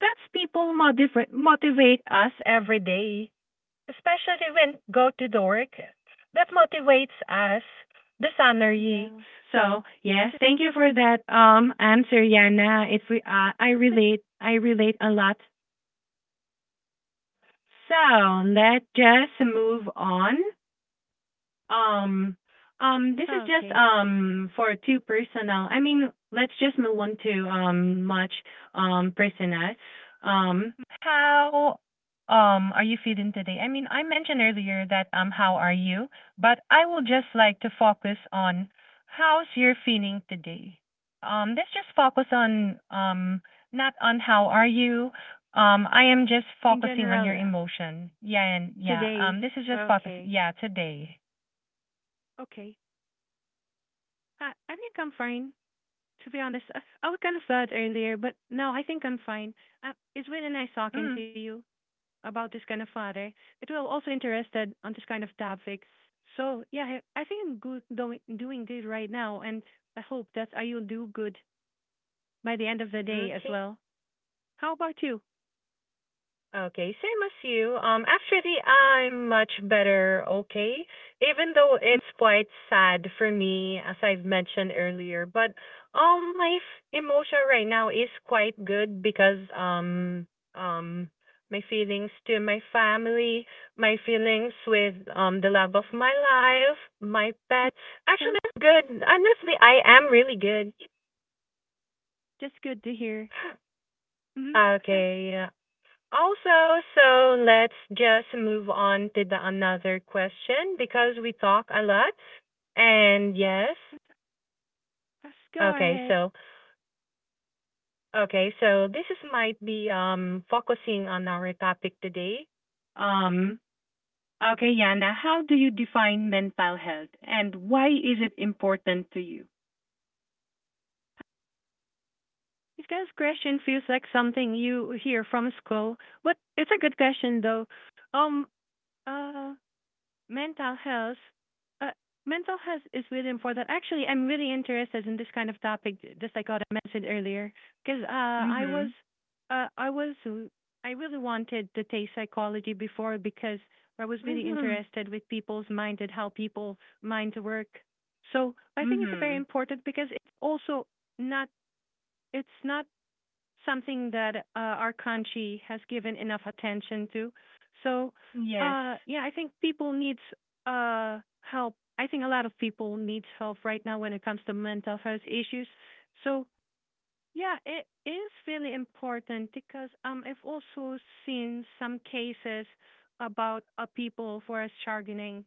A: that's people motivate us every day. Especially when go to the work. That motivates us, the salary.
B: yeah,
A: So yes, thank you for that answer, Yana. I relate a lot. So let's just move on. Um, this is just
B: okay.
A: for two personal. I mean, let's just move on to much personal. Um, how are you feeling today? I mean, I mentioned earlier that how are you, but I will just like to focus on how's your feeling today. Let's just focus on not on how are you. I am just
B: In
A: focusing on
B: general,
A: your emotion. Yeah, and yeah.
B: today,
A: This is just focus.
B: okay,
A: Yeah, today.
B: okay. I think I'm fine. To be honest, I was kind of sad earlier, but no, I think I'm fine. It's really nice talking
A: Mm,
B: to you about this kind of father. It will also interested on this kind of topics. So yeah, I think I'm good doing this right now, and I hope that I will do good by the end of the day as
A: okay.
B: well. How about you?
A: Okay, same as you. Actually, I'm much better, okay? Even though
B: Mm,
A: it's quite sad for me, as I've mentioned earlier, but emotion right now is quite good, because um, my feelings to my family, my feelings with the love of my life, my
B: mm,
A: pets. Actually, I'm good. Honestly, I am really good.
B: just good to hear. Mm-hmm.
A: Okay. Also, so let's just move on to the another question, because we talk a lot. And yes,
B: Let's go
A: okay,
B: ahead.
A: so okay, so this is might be focusing on our topic today. Um okay, Yana, how do you define mental health, and why is it important to you?
B: This kind of question feels like something you hear from school, but it's a good question though. Um, uh, mental health uh, Mental health is really important. Actually, I'm really interested in this kind of topic, just like what I mentioned earlier, because
A: Mhm.
B: I was I really wanted to take psychology before, because I was really
A: Mhm.
B: interested with people's mind and how people mind work. So I think it's very
A: Mhm.
B: important because it's also not not something that our country has given enough attention to. So,
A: Yes.
B: yeah, I think people need help. I think a lot of people need help right now when it comes to mental health issues. So, yeah, it is really important because I've also seen some cases about people who are struggling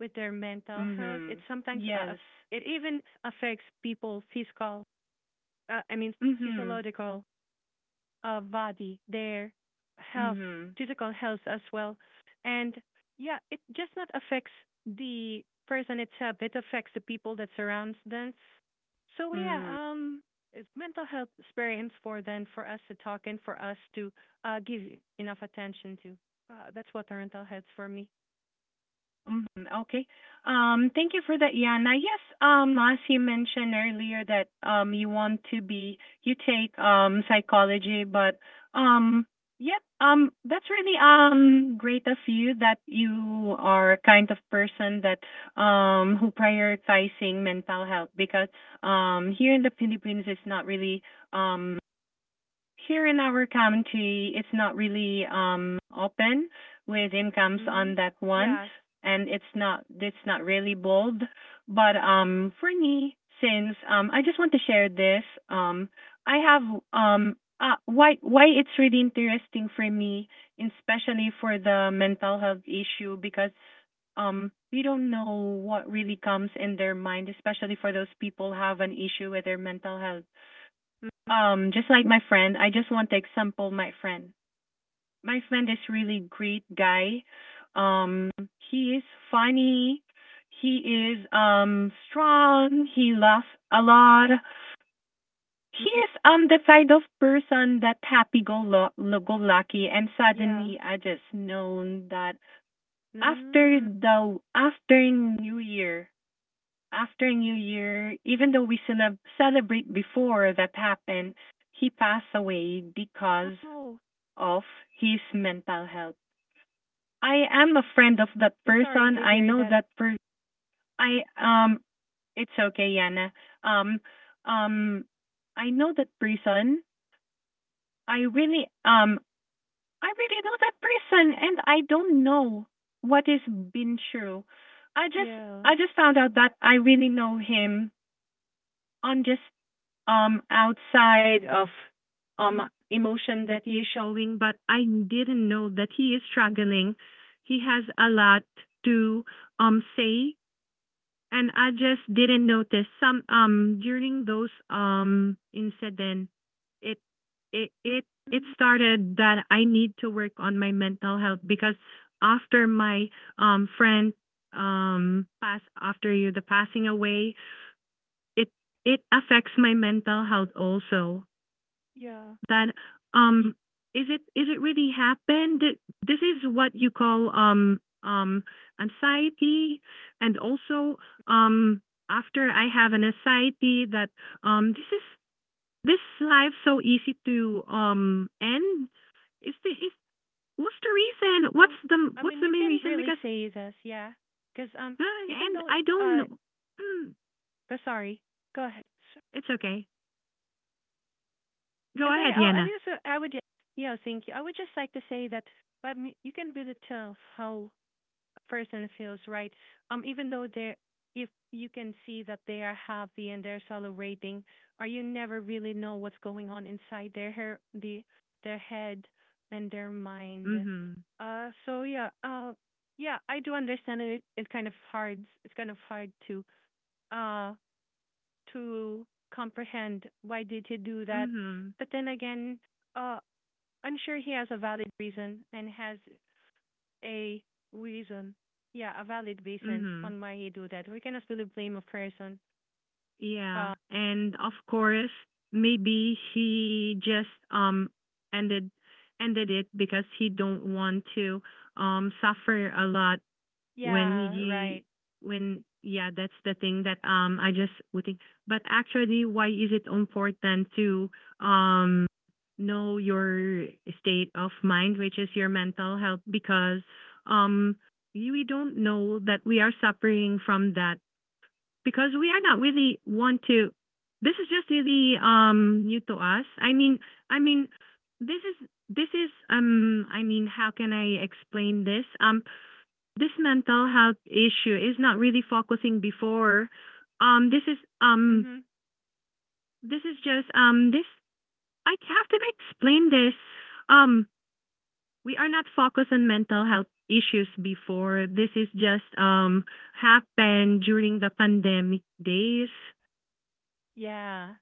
B: with their mental health. It
A: Mhm.
B: sometimes
A: Yes.
B: it even affects people physical. I mean,
A: Mhm.
B: physiological body, their health,
A: Mhm.
B: physical health as well. And yeah, it just not affects the person itself, it affects the people that surrounds them. So yeah,
A: Mhm.
B: it's mental health experience for them, for us to talk and for us to give enough attention to. That's what parental health for me.
A: Mhm, okay. Thank you for that, Yana. Yes, as you mentioned earlier that you want to be you take psychology, but um yep, that's really great of you, that you are a kind of person that who prioritizing mental health, because here in the Philippines, it's not really um here in our country, it's not really open with incomes
B: Mm-hmm.
A: on that one.
B: Yes.
A: And it's not really bold. But for me, since I just want to share this, I have why it's really interesting for me, especially for the mental health issue, because we don't know what really comes in their mind, especially for those people have an issue with their mental health.
B: Mm-hmm.
A: Just like my friend, I just want to example my friend. My friend is really great guy. Um, he is funny. He is strong. He laughs a lot. He
B: Mm-hmm.
A: is the kind of person that happy go lucky. And
B: Yeah.
A: suddenly, I just known that
B: mm
A: after New Year, even though we celebrate before that happened, he passed away because
B: Oh,
A: of his mental health. I am a friend of that
B: sorry
A: person.
B: to
A: I
B: hear
A: know
B: that.
A: that per I it's okay, Yana. Um um I know that person. I really um I really know that person, and I don't know what has been true. I just
B: Yeah.
A: I just found out that I really know him on just outside of um
B: Mm-hmm.
A: emotion that he is showing, but I didn't know that he is struggling. He has a lot to say, and I just didn't notice some during those incident. it it it it
B: Mm-hmm.
A: started that I need to work on my mental health, because after my friend pass after you the passing away, it it affects my mental health also.
B: Yeah.
A: That
B: Yeah.
A: um, is it really happened? This is what you call anxiety. And also um, after I have an anxiety that um, this is this life so easy to end. Is the is what's the reason? What's
B: Oh,
A: the
B: I mean, you
A: main
B: can
A: reason?
B: really
A: Because
B: say this, yeah. Because even
A: and
B: though
A: I don't
B: uh,
A: know. Mm,
B: but sorry, go ahead. So,
A: It's okay. Go ahead,
B: I
A: Yana.
B: mean, so I would, yeah, thank you. I would just like to say that, but you can really tell how person feels, right? Um, even though they're, if you can see that they are happy and they're celebrating, or you never really know what's going on inside their head and their mind.
A: Mhm.
B: So yeah, yeah, I do understand it. It's kind of hard. It's kind of hard uh to comprehend why did he do that.
A: Mhm.
B: But then again, uh, I'm sure he has a valid reason and has a reason. Yeah, a valid reason
A: Mhm.
B: on why he do that. We cannot really blame a person.
A: Yeah,
B: Uh,
A: and of course, maybe he just ended ended it because he don't want to suffer a lot when
B: yeah,
A: you
B: right.
A: when yeah, that's the thing that I just would think. But actually, why is it important to um know your state of mind, which is your mental health, because um you- we don't know that we are suffering from that because we are not really want to this is just really new to us. I mean, how can I explain this this mental health issue is not really focusing before. This is
B: Mhm.
A: this is just this I have to explain this. um we are not focused on mental health issues before. This is just happened during the pandemic days.
B: Yeah.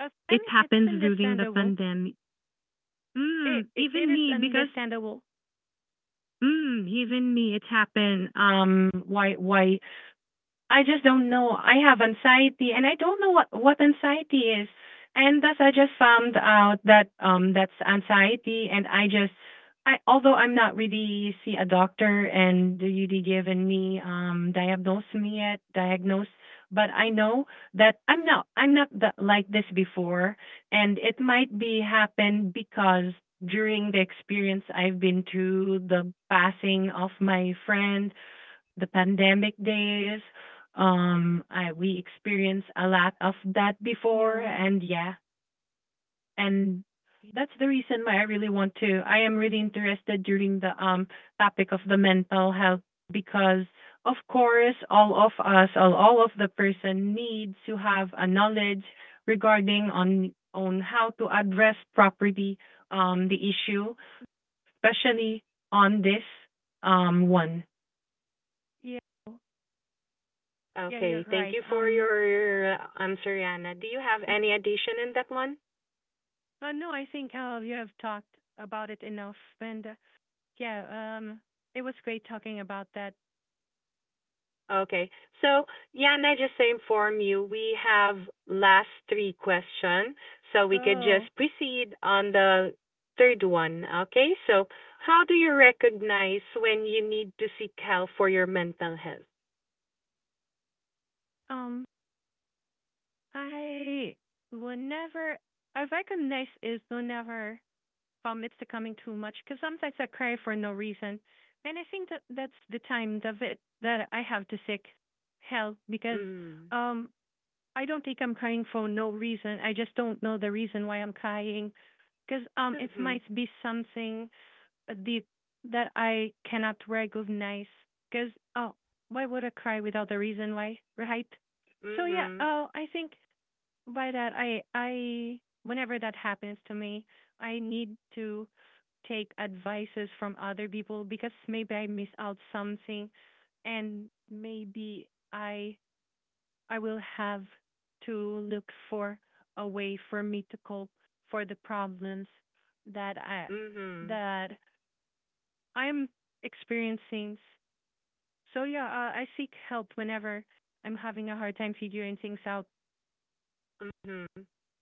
B: I mean,
A: It
B: it's
A: happens during the
B: understandable.
A: pandemic.
B: It
A: Even
B: is
A: me, because
B: understandable.
A: even me, it happened. Why I just don't know. I have anxiety and I don't know what anxiety is. And thus I just found out that that's anxiety, and I just I although I'm not really see a doctor and really given me diagnose me yet diagnose, but I know that I'm not that, like this before, and it might be happen because during the experience I've been to the passing of my friend, the pandemic days. I we experienced a lot of that before,
B: No.
A: and yeah, and that's the reason why I really want to. I am really interested during the topic of the mental health, because of course all of us, all of the person needs to have a knowledge regarding on how to address properly the issue, especially on this one.
B: Yeah. Yeah, you're
A: Okay, thank
B: right.
A: you for your answer, Yana. Do you have any addition in that one?
B: But no, I think you have talked about it enough, and yeah, it was great talking about that.
A: Okay. So Yana, just to inform you, we have last three question, so we could just
B: So,
A: proceed on the third one. Okay? So how do you recognize when you need to seek help for your mental health?
B: um, I will never. I recognize is will never. From it's becoming too much because sometimes I cry for no reason. And I think that's the time that I have to seek help because
A: Mm.
B: um I don't think I'm crying for no reason. I just don't know the reason why I'm crying because
A: So,
B: it
A: mm-hmm.
B: might be something deep that I cannot recognize. Because oh, why would I cry without a reason why, right? So yeah,
A: Mm-hmm.
B: I think by that, I whenever that happens to me, I need to take advices from other people because maybe I miss out something, and maybe I will have to look for a way for me to cope for the problems that I
A: Mm-hmm.
B: that I'm experiencing. So yeah, I seek help whenever I'm having a hard time figuring things out.
A: Mhm.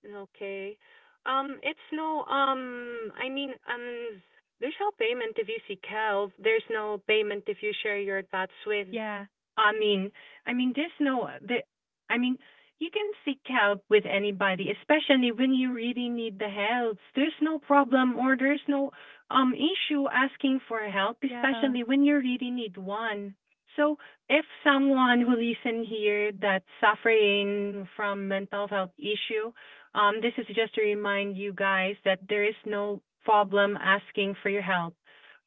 A: Okay. It's there's no payment if you seek help. There's no payment if you share your thoughts with.
B: Yeah,
A: I mean, there's no, the, I mean, you can seek help with anybody, especially when you really need the help. There's no problem, or there's no issue asking for help,
B: yeah.
A: especially when you really need one. So, if someone who listen here that's suffering from mental health issue, this is just to remind you guys that there is no problem asking for your help.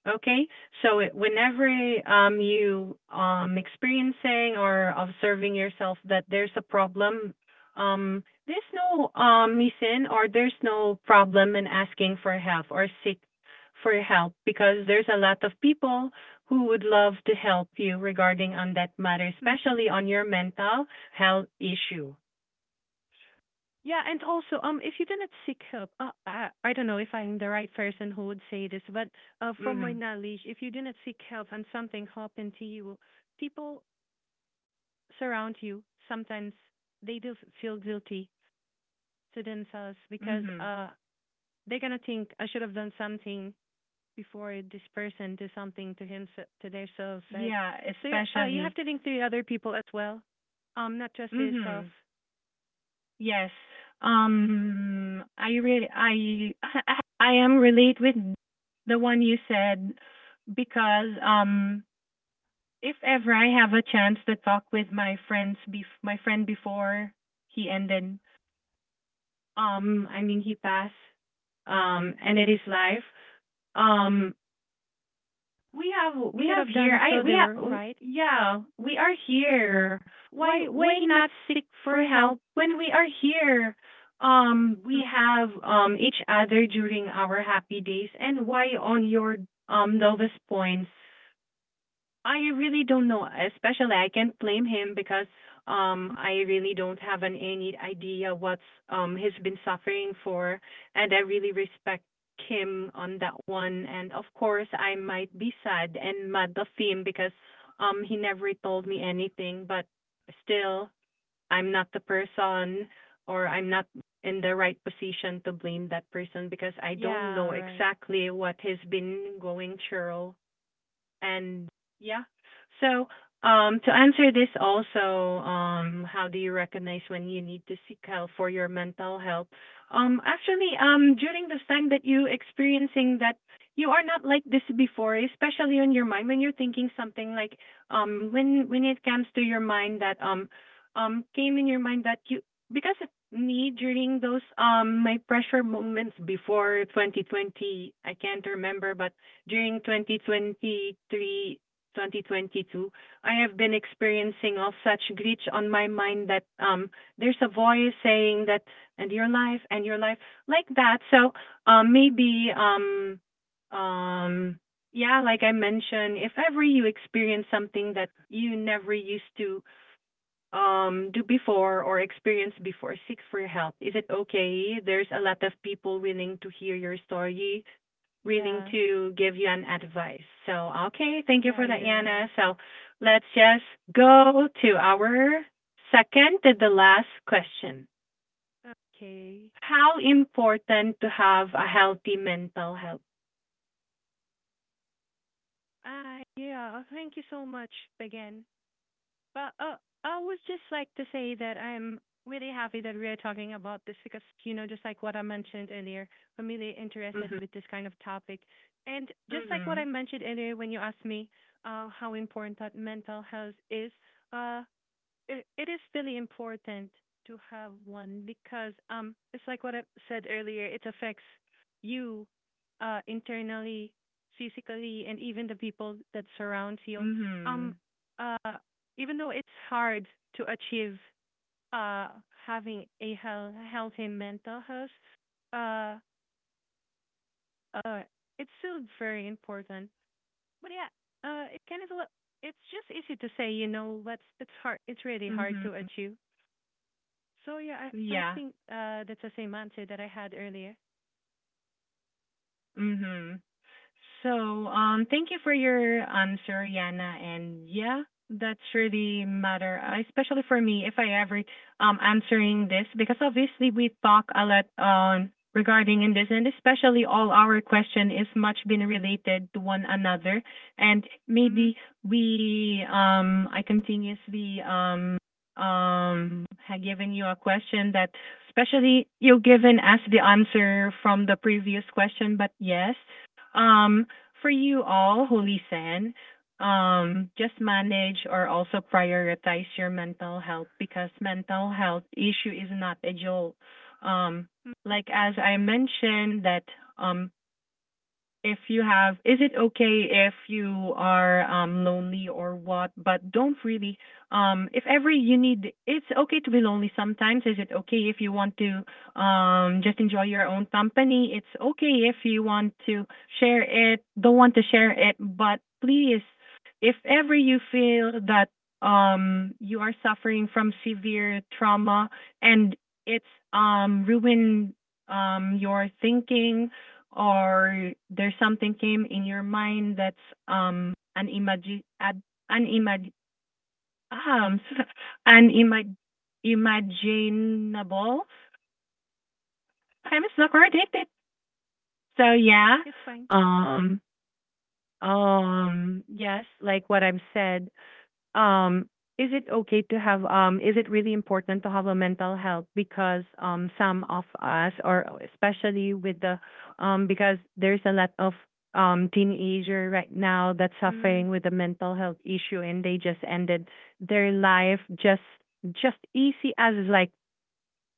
A: Okay, so it- whenever you experiencing or observing yourself that there's a problem, there's no reason or there's no problem in asking for help or seek for help, because there's a lot of people who would love to help you regarding on that matter,
B: Mm.
A: especially on your mental health issue.
B: Yeah, and also, if you cannot seek help, I don't know if I'm the right person who would say this, but from my
A: Mhm.
B: knowledge, if you do not seek help and something happened to you, people surround you. Sometimes they do feel guilty to themselves because
A: Mhm.
B: they're gonna think I should have done something before this person do something to him, to themselves, right?
A: Yeah,
B: So yeah, you have
A: especially.
B: to think to the other people as well, not just yourself.
A: Mhm. Yes. I really, I, I am relate with the one you said because if ever I have a chance to talk with my friends, my friend before he ended, I mean he passed, ended his life. Um,
B: You
A: we
B: could
A: have
B: have
A: here.
B: done
A: I
B: so.
A: we
B: They were
A: have,
B: right.
A: yeah, we are here. Why not seek for help when we are here?
B: Mm.
A: We have each other during our happy days, and why on your lowest points? I really don't know. Especially, I can't blame him because I really don't have an any idea what's he's been suffering for, and I really respect him on that one. And of course, I might be sad and mad of him because he never told me anything. But still, I'm not the person, or I'm not in the right position to blame that person because I don't
B: Yeah,
A: know
B: right.
A: exactly what he's been going through, and yeah. So, to answer this also, how do you recognize when you need to seek help for your mental health? Actually, during this time that you experiencing that you are not like this before, especially on your mind when you're thinking something like, when it comes to your mind that came in your mind that you, because of me during those my pressure moments before 2020, I can't remember, but during 2023, 2022, I have been experiencing all such glitch on my mind that there's a voice saying that, and your life like that. So maybe um yeah, like I mentioned, if ever you experience something that you never used to do before or experience before, seek for help. Is it okay? There's a lot of people willing to hear your story, willing
B: Yeah,
A: to give you an advice. So, okay, thank you
B: yeah,
A: for that, Yana.
B: urines.
A: So, let's just go to our second to the last question.
B: Okay.
A: How important to have a healthy mental health?
B: Ah, yeah, oh, thank you so much again. But I was just like to say that I'm really happy that we are talking about this because, you know, just like what I mentioned earlier, I'm really interested
A: Mhm.
B: with this kind of topic. And just like what
A: Mhm.
B: I mentioned earlier when you asked me how important that mental health is, uh, it is really important to have one because it's like what I said earlier. It affects you internally, physically, and even the people that surrounds you. Um
A: Mhm.
B: uh Even though it's hard to achieve uh having a healthy mental health, uh uh it's still very important. But yeah, it kind of, it's just easy to say, you know, that's it's hard, it's really hard to
A: Mhm.
B: achieve. So yeah, I
A: Yeah.
B: think that's the same answer that I had earlier.
A: Mhm. So, thank you for your answer, Yana. And yeah, that's really matter, especially for me, if I ever answering this, because obviously we talk a lot on regarding in this, and especially all our question is much been related to one another, and
B: Hmm.
A: maybe we I continuously have given you a question that, especially you given as the answer from the previous question. But yes, um, for you all, Holy San, just manage or also prioritize your mental health, because mental health issue is not a joke. Um,
B: Mm.
A: like as I mentioned that um if you have, is it okay if you are lonely or what, but don't really if ever you need, it's okay to be lonely sometimes. Is it okay if you want to just enjoy your own company? It's okay if you want to share it, don't want to share it, but please, if ever you feel that you are suffering from severe trauma, and it's ruined your thinking, or there's something came in your mind that's an imagi- ad- an imag um an imag imaginable, I'm stuck or addicted. So yeah,
B: It's fine.
A: um yes, like what I've said, um is it really important to have a mental health, because some of us, or especially with the because there's a lot of teenager right now that's
B: Mm.
A: suffering with a mental health issue, and they just ended their life just easy as like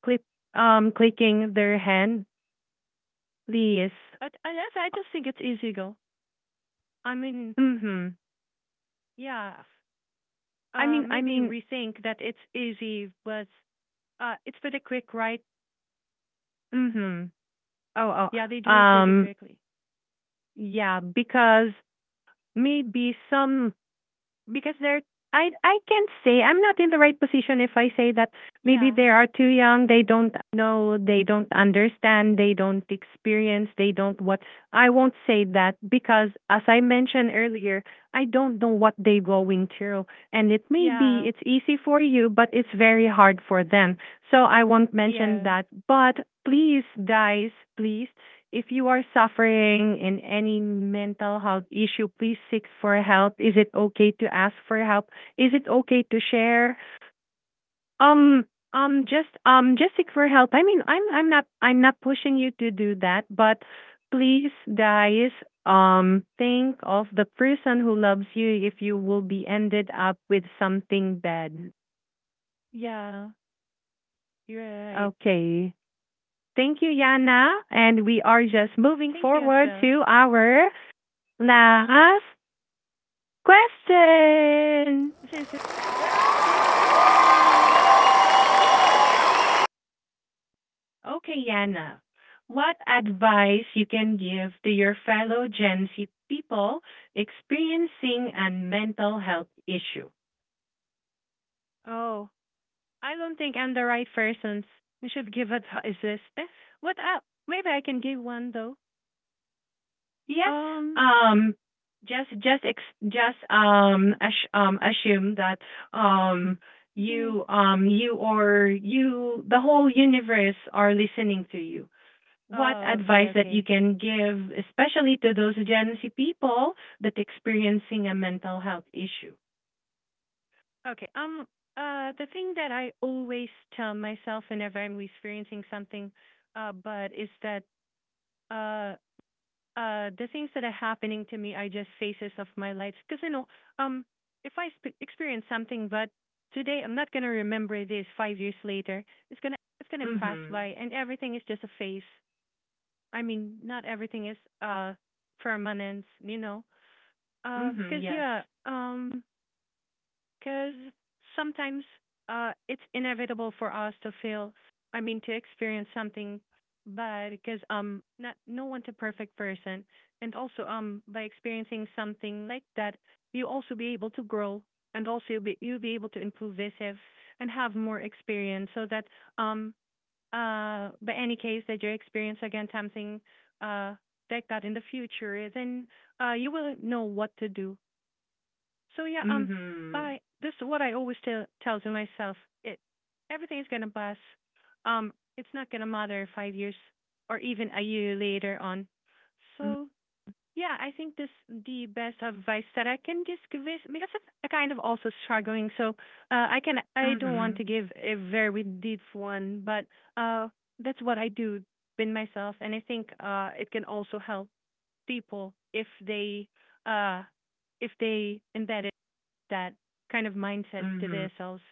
A: clip clicking their hand, please.
B: But unless I just think it's easy go. I mean,
A: Mhm.
B: yeah.
A: i mean i
B: Maybe
A: mean
B: rethink that it's easy, but it's pretty quick, right?
A: mhm. Oh,
B: Yeah, they do it pretty quickly.
A: yeah, because maybe some, because they're, I can't say I'm not in the right position if I say that maybe
B: Yeah,
A: they are too young, they don't know, they don't understand, they don't experience, they don't what. I won't say that, because as I mentioned earlier, I don't know what they're going through, and it may be
B: yeah,
A: it's easy for you but it's very hard for them. So I won't mention
B: yeah,
A: that. But please guys, please, if you are suffering in any mental health issue, please seek for help. Is it okay to ask for help? Is it okay to share? Um just seek for help. I mean, I'm not pushing you to do that, but please guys think of the person who loves you if you will be ended up with something bad.
B: yeah. You're right.
A: Okay. Thank you, Yana. And we are just moving
B: Thank you as
A: forward
B: well.
A: to our last question.
B: This is it. Yay!
A: Okay, Yana. What advice you can give to your fellow Gen Z people experiencing a mental health issue?
B: Oh, I don't think I'm the right person. We should give advices. Eh, what up? Maybe I can give one though.
A: Yes.
B: Um,
A: Um just ex- just ass- assume that um
B: you need.
A: you you or you the whole universe are listening to you, what
B: Oh, okay,
A: advice that you
B: okay,
A: can give, especially to those Gen Z people that experiencing a mental health issue?
B: okay. The thing that I always tell myself whenever I'm experiencing something, but is that uh, the things that are happening to me are just phases of my life. Because you know, um, if I experience something, but today I'm not gonna remember this 5 years later. It's gonna pass
A: Mhm.
B: by, and everything is just a phase. I mean, not everything is permanent, you know.
A: Mhm.
B: 'Cause
A: Yes.
B: yeah, 'cause sometimes it's inevitable for us to feel, I mean, to experience something bad, cause not no one's a perfect person, and also by experiencing something like that, you also be able to grow, and also you'll be able to improve yourself and have more experience, so that um but any case that you experience again something uh, like that in the future, then you will know what to do. So yeah,
A: Mhm.
B: by this is what I always tell to myself. It, everything is gonna pass. Um, it's not gonna matter 5 years or even a year later on. So yeah, I think this the best advice that I can just give is because I'm kind of also struggling, so I can, I don't want
A: Mhm.
B: to give a very deep one, but uh, that's what I do with myself, and I think it can also help people uh, if they embedded that kind of mindset to
A: Mhm.
B: themselves.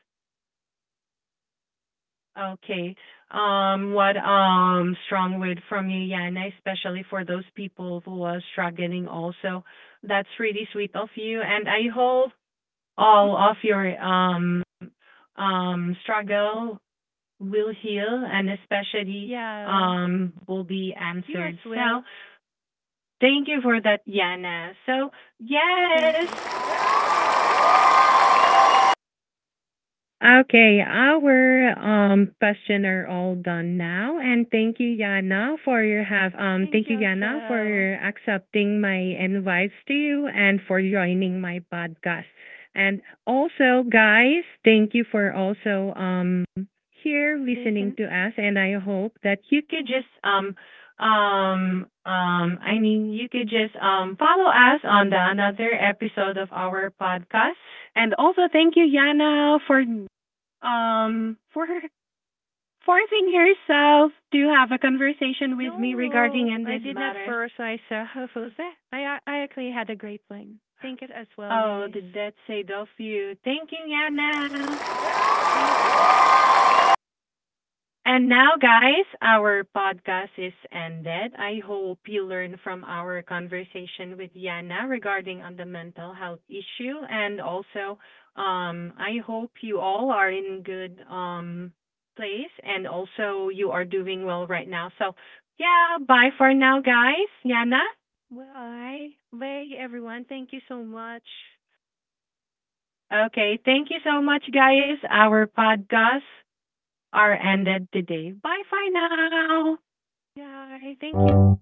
A: Okay. What strong word from you, Yana, especially for those people who are struggling also. That's really sweet of you, and I hope
B: Mm,
A: all of your struggle will heal, and especially
B: yeah,
A: will be
B: you as
A: answered. So
B: well.
A: thank you for that, Yana. So
B: Thank
A: yes,
B: you.
A: okay, our question are all done now, and thank you, Yana, for your have
B: Thank
A: thank
B: you
A: you,
B: as
A: Yana,
B: well.
A: for accepting my invites to you and for joining my podcast. And also, guys, thank you for also here listening
B: Listen.
A: to us, and I hope that you could just I mean you could just follow us on the another episode of our podcast. And also, thank you, Yana, for her, forcing herself to have a conversation with me regarding
B: No,
A: in
B: I
A: these
B: did not
A: matters.
B: first. I saw her first. Eh, I actually had a great plan. Thank you as well,
A: Oh,
B: Denise.
A: did that say Dolph you? Thank you, Yana.
B: Thank you.
A: And now, guys, our podcast is ended. I hope you learn from our conversation with Yana regarding on the mental health issue, and also, I hope you all are in good place, and also you are doing well right now. So, yeah, bye for now, guys. Yana.
B: Well, I beg everyone. Thank you so much.
A: Okay, thank you so much, guys. Our podcasts are ended today. Bye for now.
B: Yeah, I thank you.